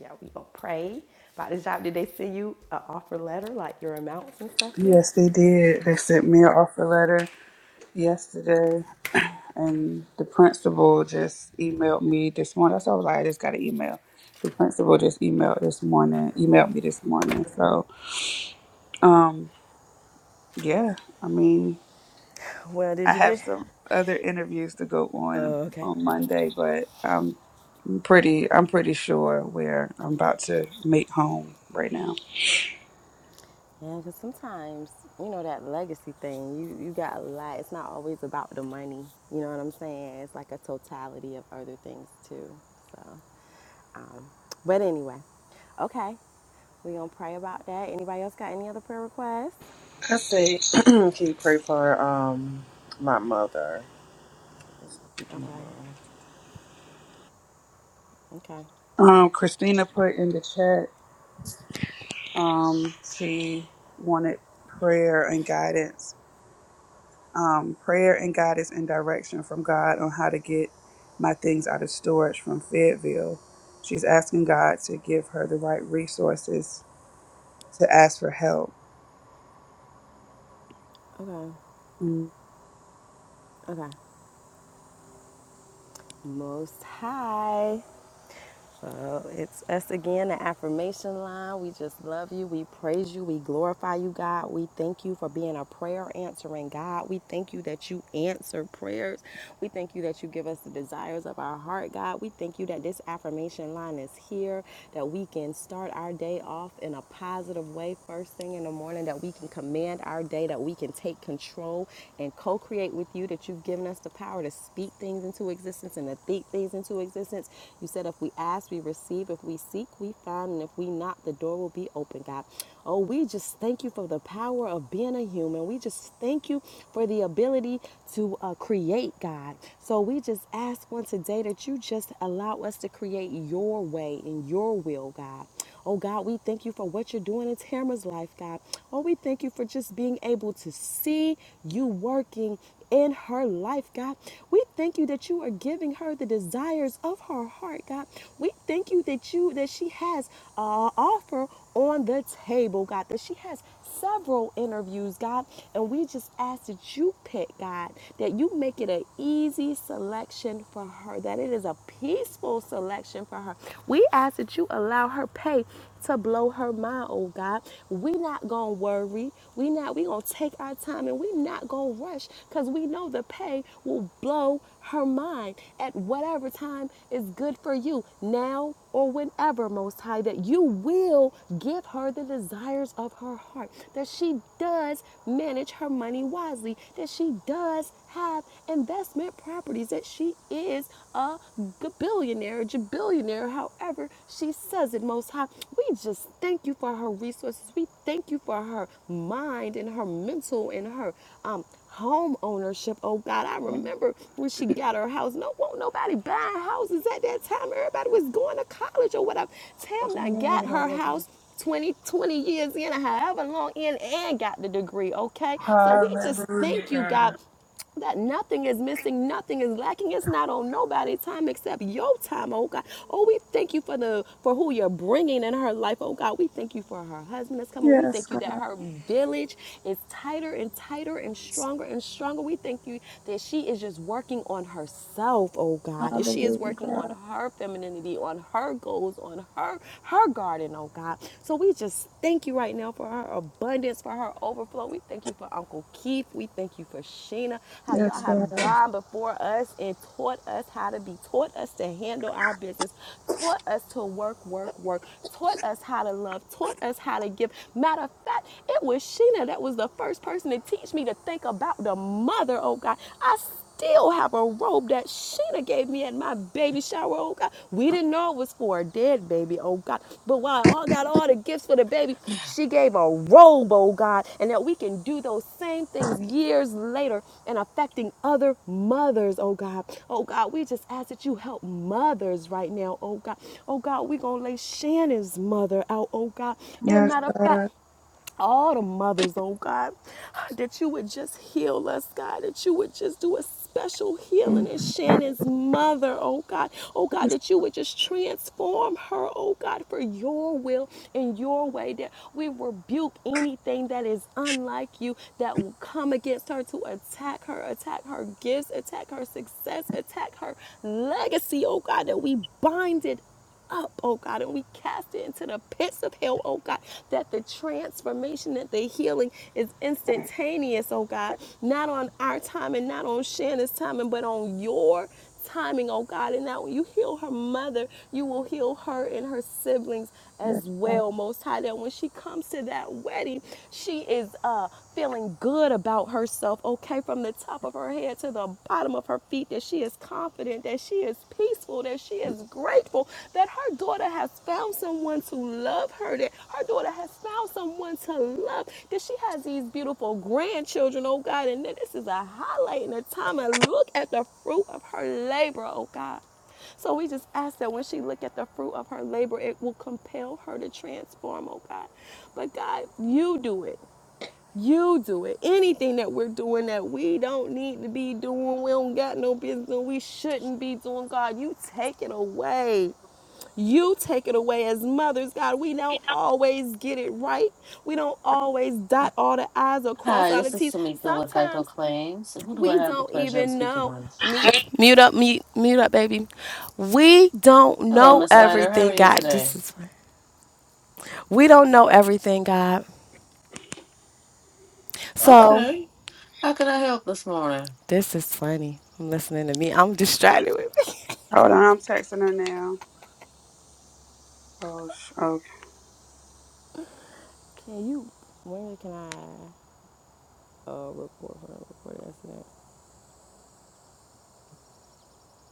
Speaker 7: yeah, we gonna pray. By the job, did they send you an offer letter, like your amounts and stuff yet?
Speaker 3: Yes, they did. They sent me an offer letter yesterday, and the principal just emailed me this morning. That's why I was like, I just got an email. The principal just emailed this morning, emailed me this morning. So, um, yeah, I mean,
Speaker 7: Well, did
Speaker 3: I
Speaker 7: you
Speaker 3: have
Speaker 7: get?
Speaker 3: some other interviews to go on
Speaker 7: Oh, okay.
Speaker 3: on Monday, but I'm pretty, I'm pretty sure where I'm about to make home right now.
Speaker 7: Yeah, because sometimes, you know, that legacy thing, you, you got a lot. It's not always about the money. You know what I'm saying? It's like a totality of other things, too. So, um, but anyway, okay. We're going to pray about that. Anybody else got any other prayer requests?
Speaker 4: I say, [CLEARS THROAT] can you pray for um my mother? My
Speaker 7: Okay.
Speaker 4: mom.
Speaker 7: Okay.
Speaker 3: Um, Christina put in the chat. Um, she wanted prayer and guidance, um, prayer and guidance and direction from God on how to get my things out of storage from Fayetteville. She's asking God to give her the right resources to ask for help.
Speaker 7: Okay.
Speaker 3: Mm.
Speaker 7: Okay. Most high. So it's us again, the affirmation line. We just love you. We praise you. We glorify you, God. We thank you for being a prayer answering God. We thank you that you answer prayers. We thank you that you give us the desires of our heart, God. We thank you that this affirmation line is here, that we can start our day off in a positive way first thing in the morning, that we can command our day, that we can take control and co create with you, that you've given us the power to speak things into existence and to think things into existence existence. You said if we ask, we receive. If we seek, we find. And if we knock, the door will be open, God. Oh, we just thank you for the power of being a human. We just thank you for the ability to uh, create, God. So we just ask one today that you just allow us to create your way and your will, God. Oh God, we thank you for what you're doing in Tamara's life, God. Oh, we thank you for just being able to see you working in her life, God. We thank you that you are giving her the desires of her heart, God. We thank you that you that she has uh, offer on the table, God, that she has several interviews, God, and we just ask that you pick, God, that you make it an easy selection for her, that it is a peaceful selection for her. We ask that you allow her pay to blow her mind, oh God. We not gonna worry. We not we gonna take our time and we not gonna rush because we know the pay will blow her mind at whatever time is good for you, now or whenever, Most High, that you will give her the desires of her heart, that she does manage her money wisely, that she does have investment properties, that she is a billionaire, jabillionaire, however she says it, Most High. We just thank you for her resources. We thank you for her mind and her mental and her um, home ownership. Oh God, I remember when she got her house. No, won't nobody buying houses at that time. Everybody was going to college or whatever. Tamna got her house 20, 20 years in, or however long in, and got the degree. Okay, so we just
Speaker 3: Hallelujah,
Speaker 7: thank you, God
Speaker 3: God.
Speaker 7: that nothing is missing, nothing is lacking. It's not on nobody's time except your time, oh God. Oh, we thank you for the for who you're bringing in her life, oh God. We thank you for her husband that's coming. We
Speaker 3: Yes,
Speaker 7: thank you that
Speaker 3: God.
Speaker 7: her village is tighter and tighter and stronger and stronger. We thank you that she is just working on herself, oh God. That she is
Speaker 3: Hallelujah,
Speaker 7: working on
Speaker 3: God.
Speaker 7: her femininity, on her goals, on her her garden, oh God. God. So we just thank you right now for her abundance, for her overflow. We thank you for Uncle Keith. We thank you for Sheena, how y'all
Speaker 3: Yes, God.
Speaker 7: have gone before us and taught us how to be, taught us to handle our business, taught us to work, work, work, taught us how to love, taught us how to give. Matter of fact, it was Sheena that was the first person to teach me to think about the mother, oh God. I still have a robe that Sheena gave me at my baby shower. Oh God, we didn't know it was for a dead baby. Oh God, but while I got all the gifts for the baby, she gave a robe. Oh God, and that we can do those same things years later and affecting other mothers. Oh God, oh God, we just ask that you help mothers right now. Oh God, oh God, we gonna lay Shannon's mother out. Oh God, and
Speaker 3: Yes,
Speaker 7: matter of fact
Speaker 3: God.
Speaker 7: all the mothers, oh God, that you would just heal us, God, that you would just do a special healing in
Speaker 3: Yes,
Speaker 7: Shannon's mother, oh God, oh God, that you would just transform her, oh God, for your will and your way, that we rebuke anything that is unlike you that will come against her to attack her, attack her gifts, attack her success, attack her legacy, oh God, that we bind it up, oh God, and we cast it into the pits of hell, oh God, that the transformation, that the healing is instantaneous, oh God, not on our timing, not on Shannon's timing, but on your timing, oh God. And now, when you heal her mother, you will heal her and her siblings as
Speaker 3: God.
Speaker 7: well, Most High, that when she comes to that wedding, she is uh, feeling good about herself, okay, from the top of her head to the bottom of her feet, that she is confident, that she is peaceful, that she is grateful, that her daughter has found someone to love her, that her daughter has found someone to love, that she has these beautiful grandchildren, oh God, and that this is a highlight in the time and look at the fruit of her labor, oh God. So we just ask that when she look at the fruit of her labor, it will compel her to transform, oh God. But God, you do it. You do it. Anything that we're doing that we don't need to be doing, we don't got no business doing, we shouldn't be doing, God, you take it away. You take it away as mothers, God. We don't always get it right. We don't always dot all the I's or cross
Speaker 5: Hi,
Speaker 7: all the
Speaker 5: this is
Speaker 7: T's.
Speaker 5: Tamika with Geico
Speaker 7: Sometimes
Speaker 5: Claims. Who do I
Speaker 7: we
Speaker 5: have the
Speaker 7: don't
Speaker 5: pleasure of
Speaker 7: even
Speaker 5: speaking
Speaker 7: know.
Speaker 5: with?
Speaker 7: Mute, mute up, mute, mute up, baby. We don't
Speaker 5: Hello,
Speaker 7: know
Speaker 5: Miss Slider. How are
Speaker 7: everything,
Speaker 5: you
Speaker 7: God.
Speaker 5: today?
Speaker 7: This is we don't know everything, God. So
Speaker 5: Okay. How can I help this morning?
Speaker 7: this is funny. I'm listening to me. I'm distracted with me.
Speaker 3: Hold on, I'm texting her now. Oh, sh- okay.
Speaker 7: Can you? When can I uh, report for a reporter incident?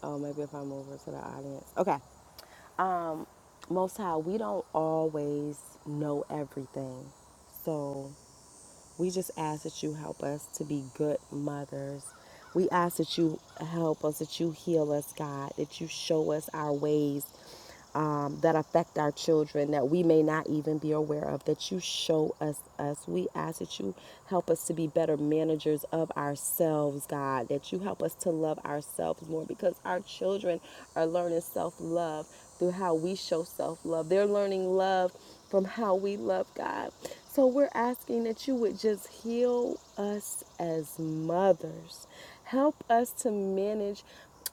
Speaker 7: Oh, maybe if I move her to the audience. Okay. Most High, we don't always know everything. so. We just ask that you help us to be good mothers. We ask that you help us, that you heal us, God, that you show us our ways um, that affect our children that we may not even be aware of, that you show us us. We ask that you help us to be better managers of ourselves, God, that you help us to love ourselves more because our children are learning self love through how we show self love. They're learning love from how we love God. So we're asking that you would just heal us as mothers. Help us to manage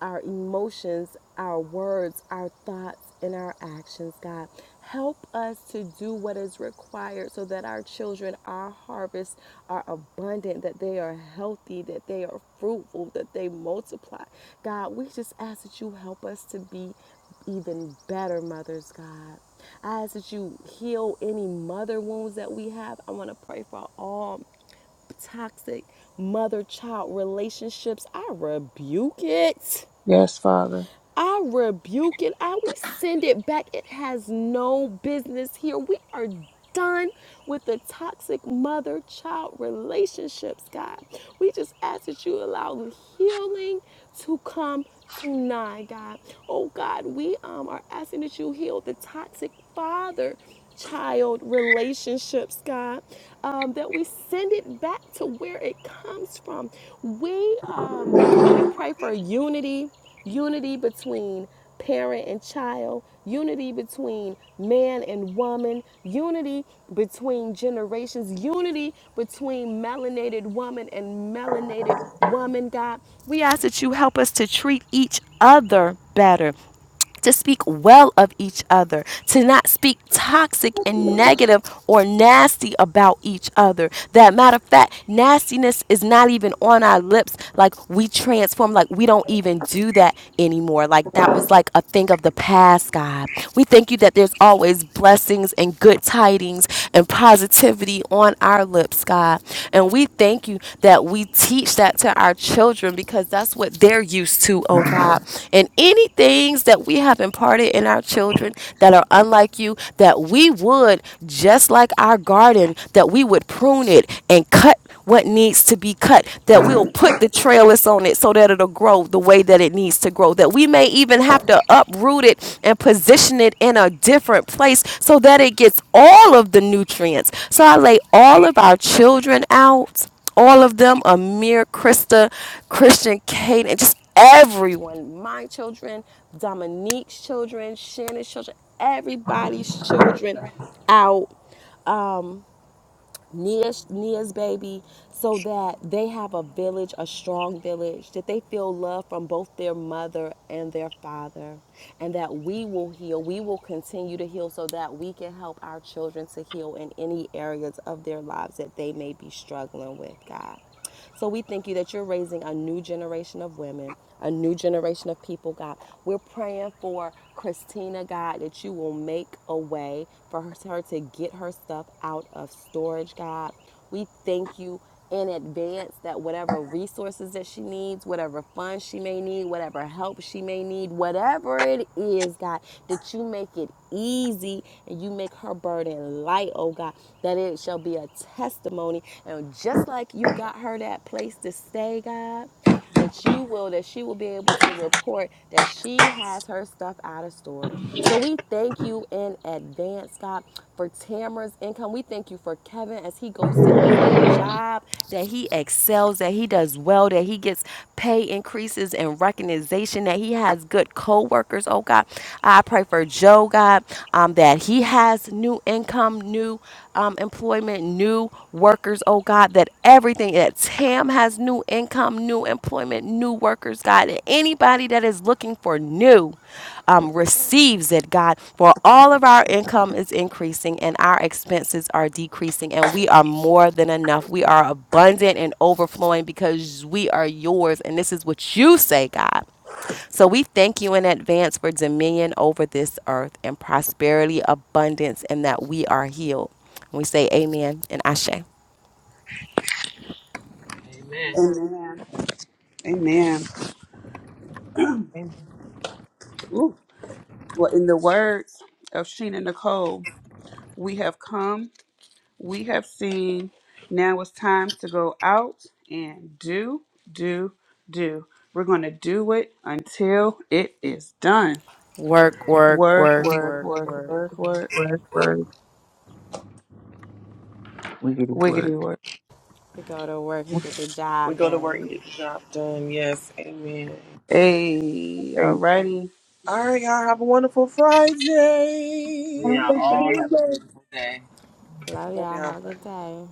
Speaker 7: our emotions, our words, our thoughts, and our actions, God. Help us to do what is required so that our children, our harvests are abundant, that they are healthy, that they are fruitful, that they multiply. God, we just ask that you help us to be even better mothers, God. I ask that you heal any mother wounds that we have. I want to pray for all toxic mother child relationships. I rebuke it.
Speaker 3: Yes, Father.
Speaker 7: I rebuke it. I rescind it back. It has no business here. We are done with the toxic mother child relationships, God. We just ask that you allow the healing to come tonight, God. Oh, God, we um, are asking that you heal the toxic father child relationships, God, um, that we send it back to where it comes from. We, um, we pray for unity unity between parent and child, unity between man and woman, unity between generations, unity between melanated woman and melanated woman, God. We ask that you help us to treat each other better to speak That matter of fact, Like what needs to be cut, that we'll put the trellis on it so that it'll grow the way that it needs to grow, that we may even have to uproot it and position it in a different place so that it gets all of the nutrients. So I lay all of our children out, all of them, Amir, Krista, Christian, Kate, and just everyone, my children, Dominique's children, Shannon's children, everybody's children out Nia's, Nia's baby, so that they have a village, a strong village, that they feel love from both their mother and their father, and that we will heal. We will continue to heal so that we can help our children to heal in any areas of their lives that they may be struggling with, God. So we thank you that you're raising a new generation of women, a new generation of people, God. We're praying for Christina, God, that you will make a way for her to, her to get her stuff out of storage, God. We thank you in advance that whatever resources that she needs, whatever funds she may need, whatever help she may need, whatever it is, God, that you make it easy and you make her burden light, oh God, that it shall be a testimony. And just like like you got her that place to stay, God, that you will, that she will be able to report that she has her stuff out of storage. So we thank you in advance, God, for Tamara's income. We thank you for Kevin as he goes to his new job, that he excels, that he does well, that he gets pay increases and recognition, that he has good co workers, oh God. I pray for Joe, God, um, that he has new income, new um, employment, new workers, oh God, that everything that Tam has new income, new employment, new workers, God, and anybody that is looking for new um, receives it, God, for all of our income is increasing and our expenses are decreasing, and we are more than enough. We are abundant and overflowing because we are yours, and this is what you say, God. So we thank you in advance for dominion over this earth and prosperity, abundance, and that we are healed. We say amen and ashe.
Speaker 8: Amen.
Speaker 9: Amen.
Speaker 3: Amen. Amen.
Speaker 6: Amen.
Speaker 3: Ooh. Well, in the words of Sheena Nicole, we have come, we have seen. Now it's time to go out and do, do, do. We're going to do it until it is done.
Speaker 7: Work,
Speaker 8: Amen.
Speaker 7: work,
Speaker 3: Work,
Speaker 7: work,
Speaker 3: work,
Speaker 7: work,
Speaker 3: work,
Speaker 7: work.
Speaker 3: work, work.
Speaker 6: Work, work. We get to
Speaker 3: Wiggity
Speaker 6: work.
Speaker 3: work.
Speaker 7: We go to work and
Speaker 6: [LAUGHS]
Speaker 7: get the
Speaker 4: We
Speaker 7: job
Speaker 4: go to work
Speaker 7: done.
Speaker 4: and get the job done. Yes, amen.
Speaker 3: Hey,
Speaker 6: Hey.
Speaker 3: alrighty.
Speaker 4: All right, y'all have a wonderful
Speaker 8: We
Speaker 6: Happy
Speaker 8: are
Speaker 4: Friday.
Speaker 8: all have a
Speaker 6: Tuesday.
Speaker 8: beautiful day.
Speaker 7: Love
Speaker 4: Love
Speaker 7: y'all.
Speaker 4: y'all.
Speaker 7: Have a
Speaker 4: Bye.
Speaker 7: good day.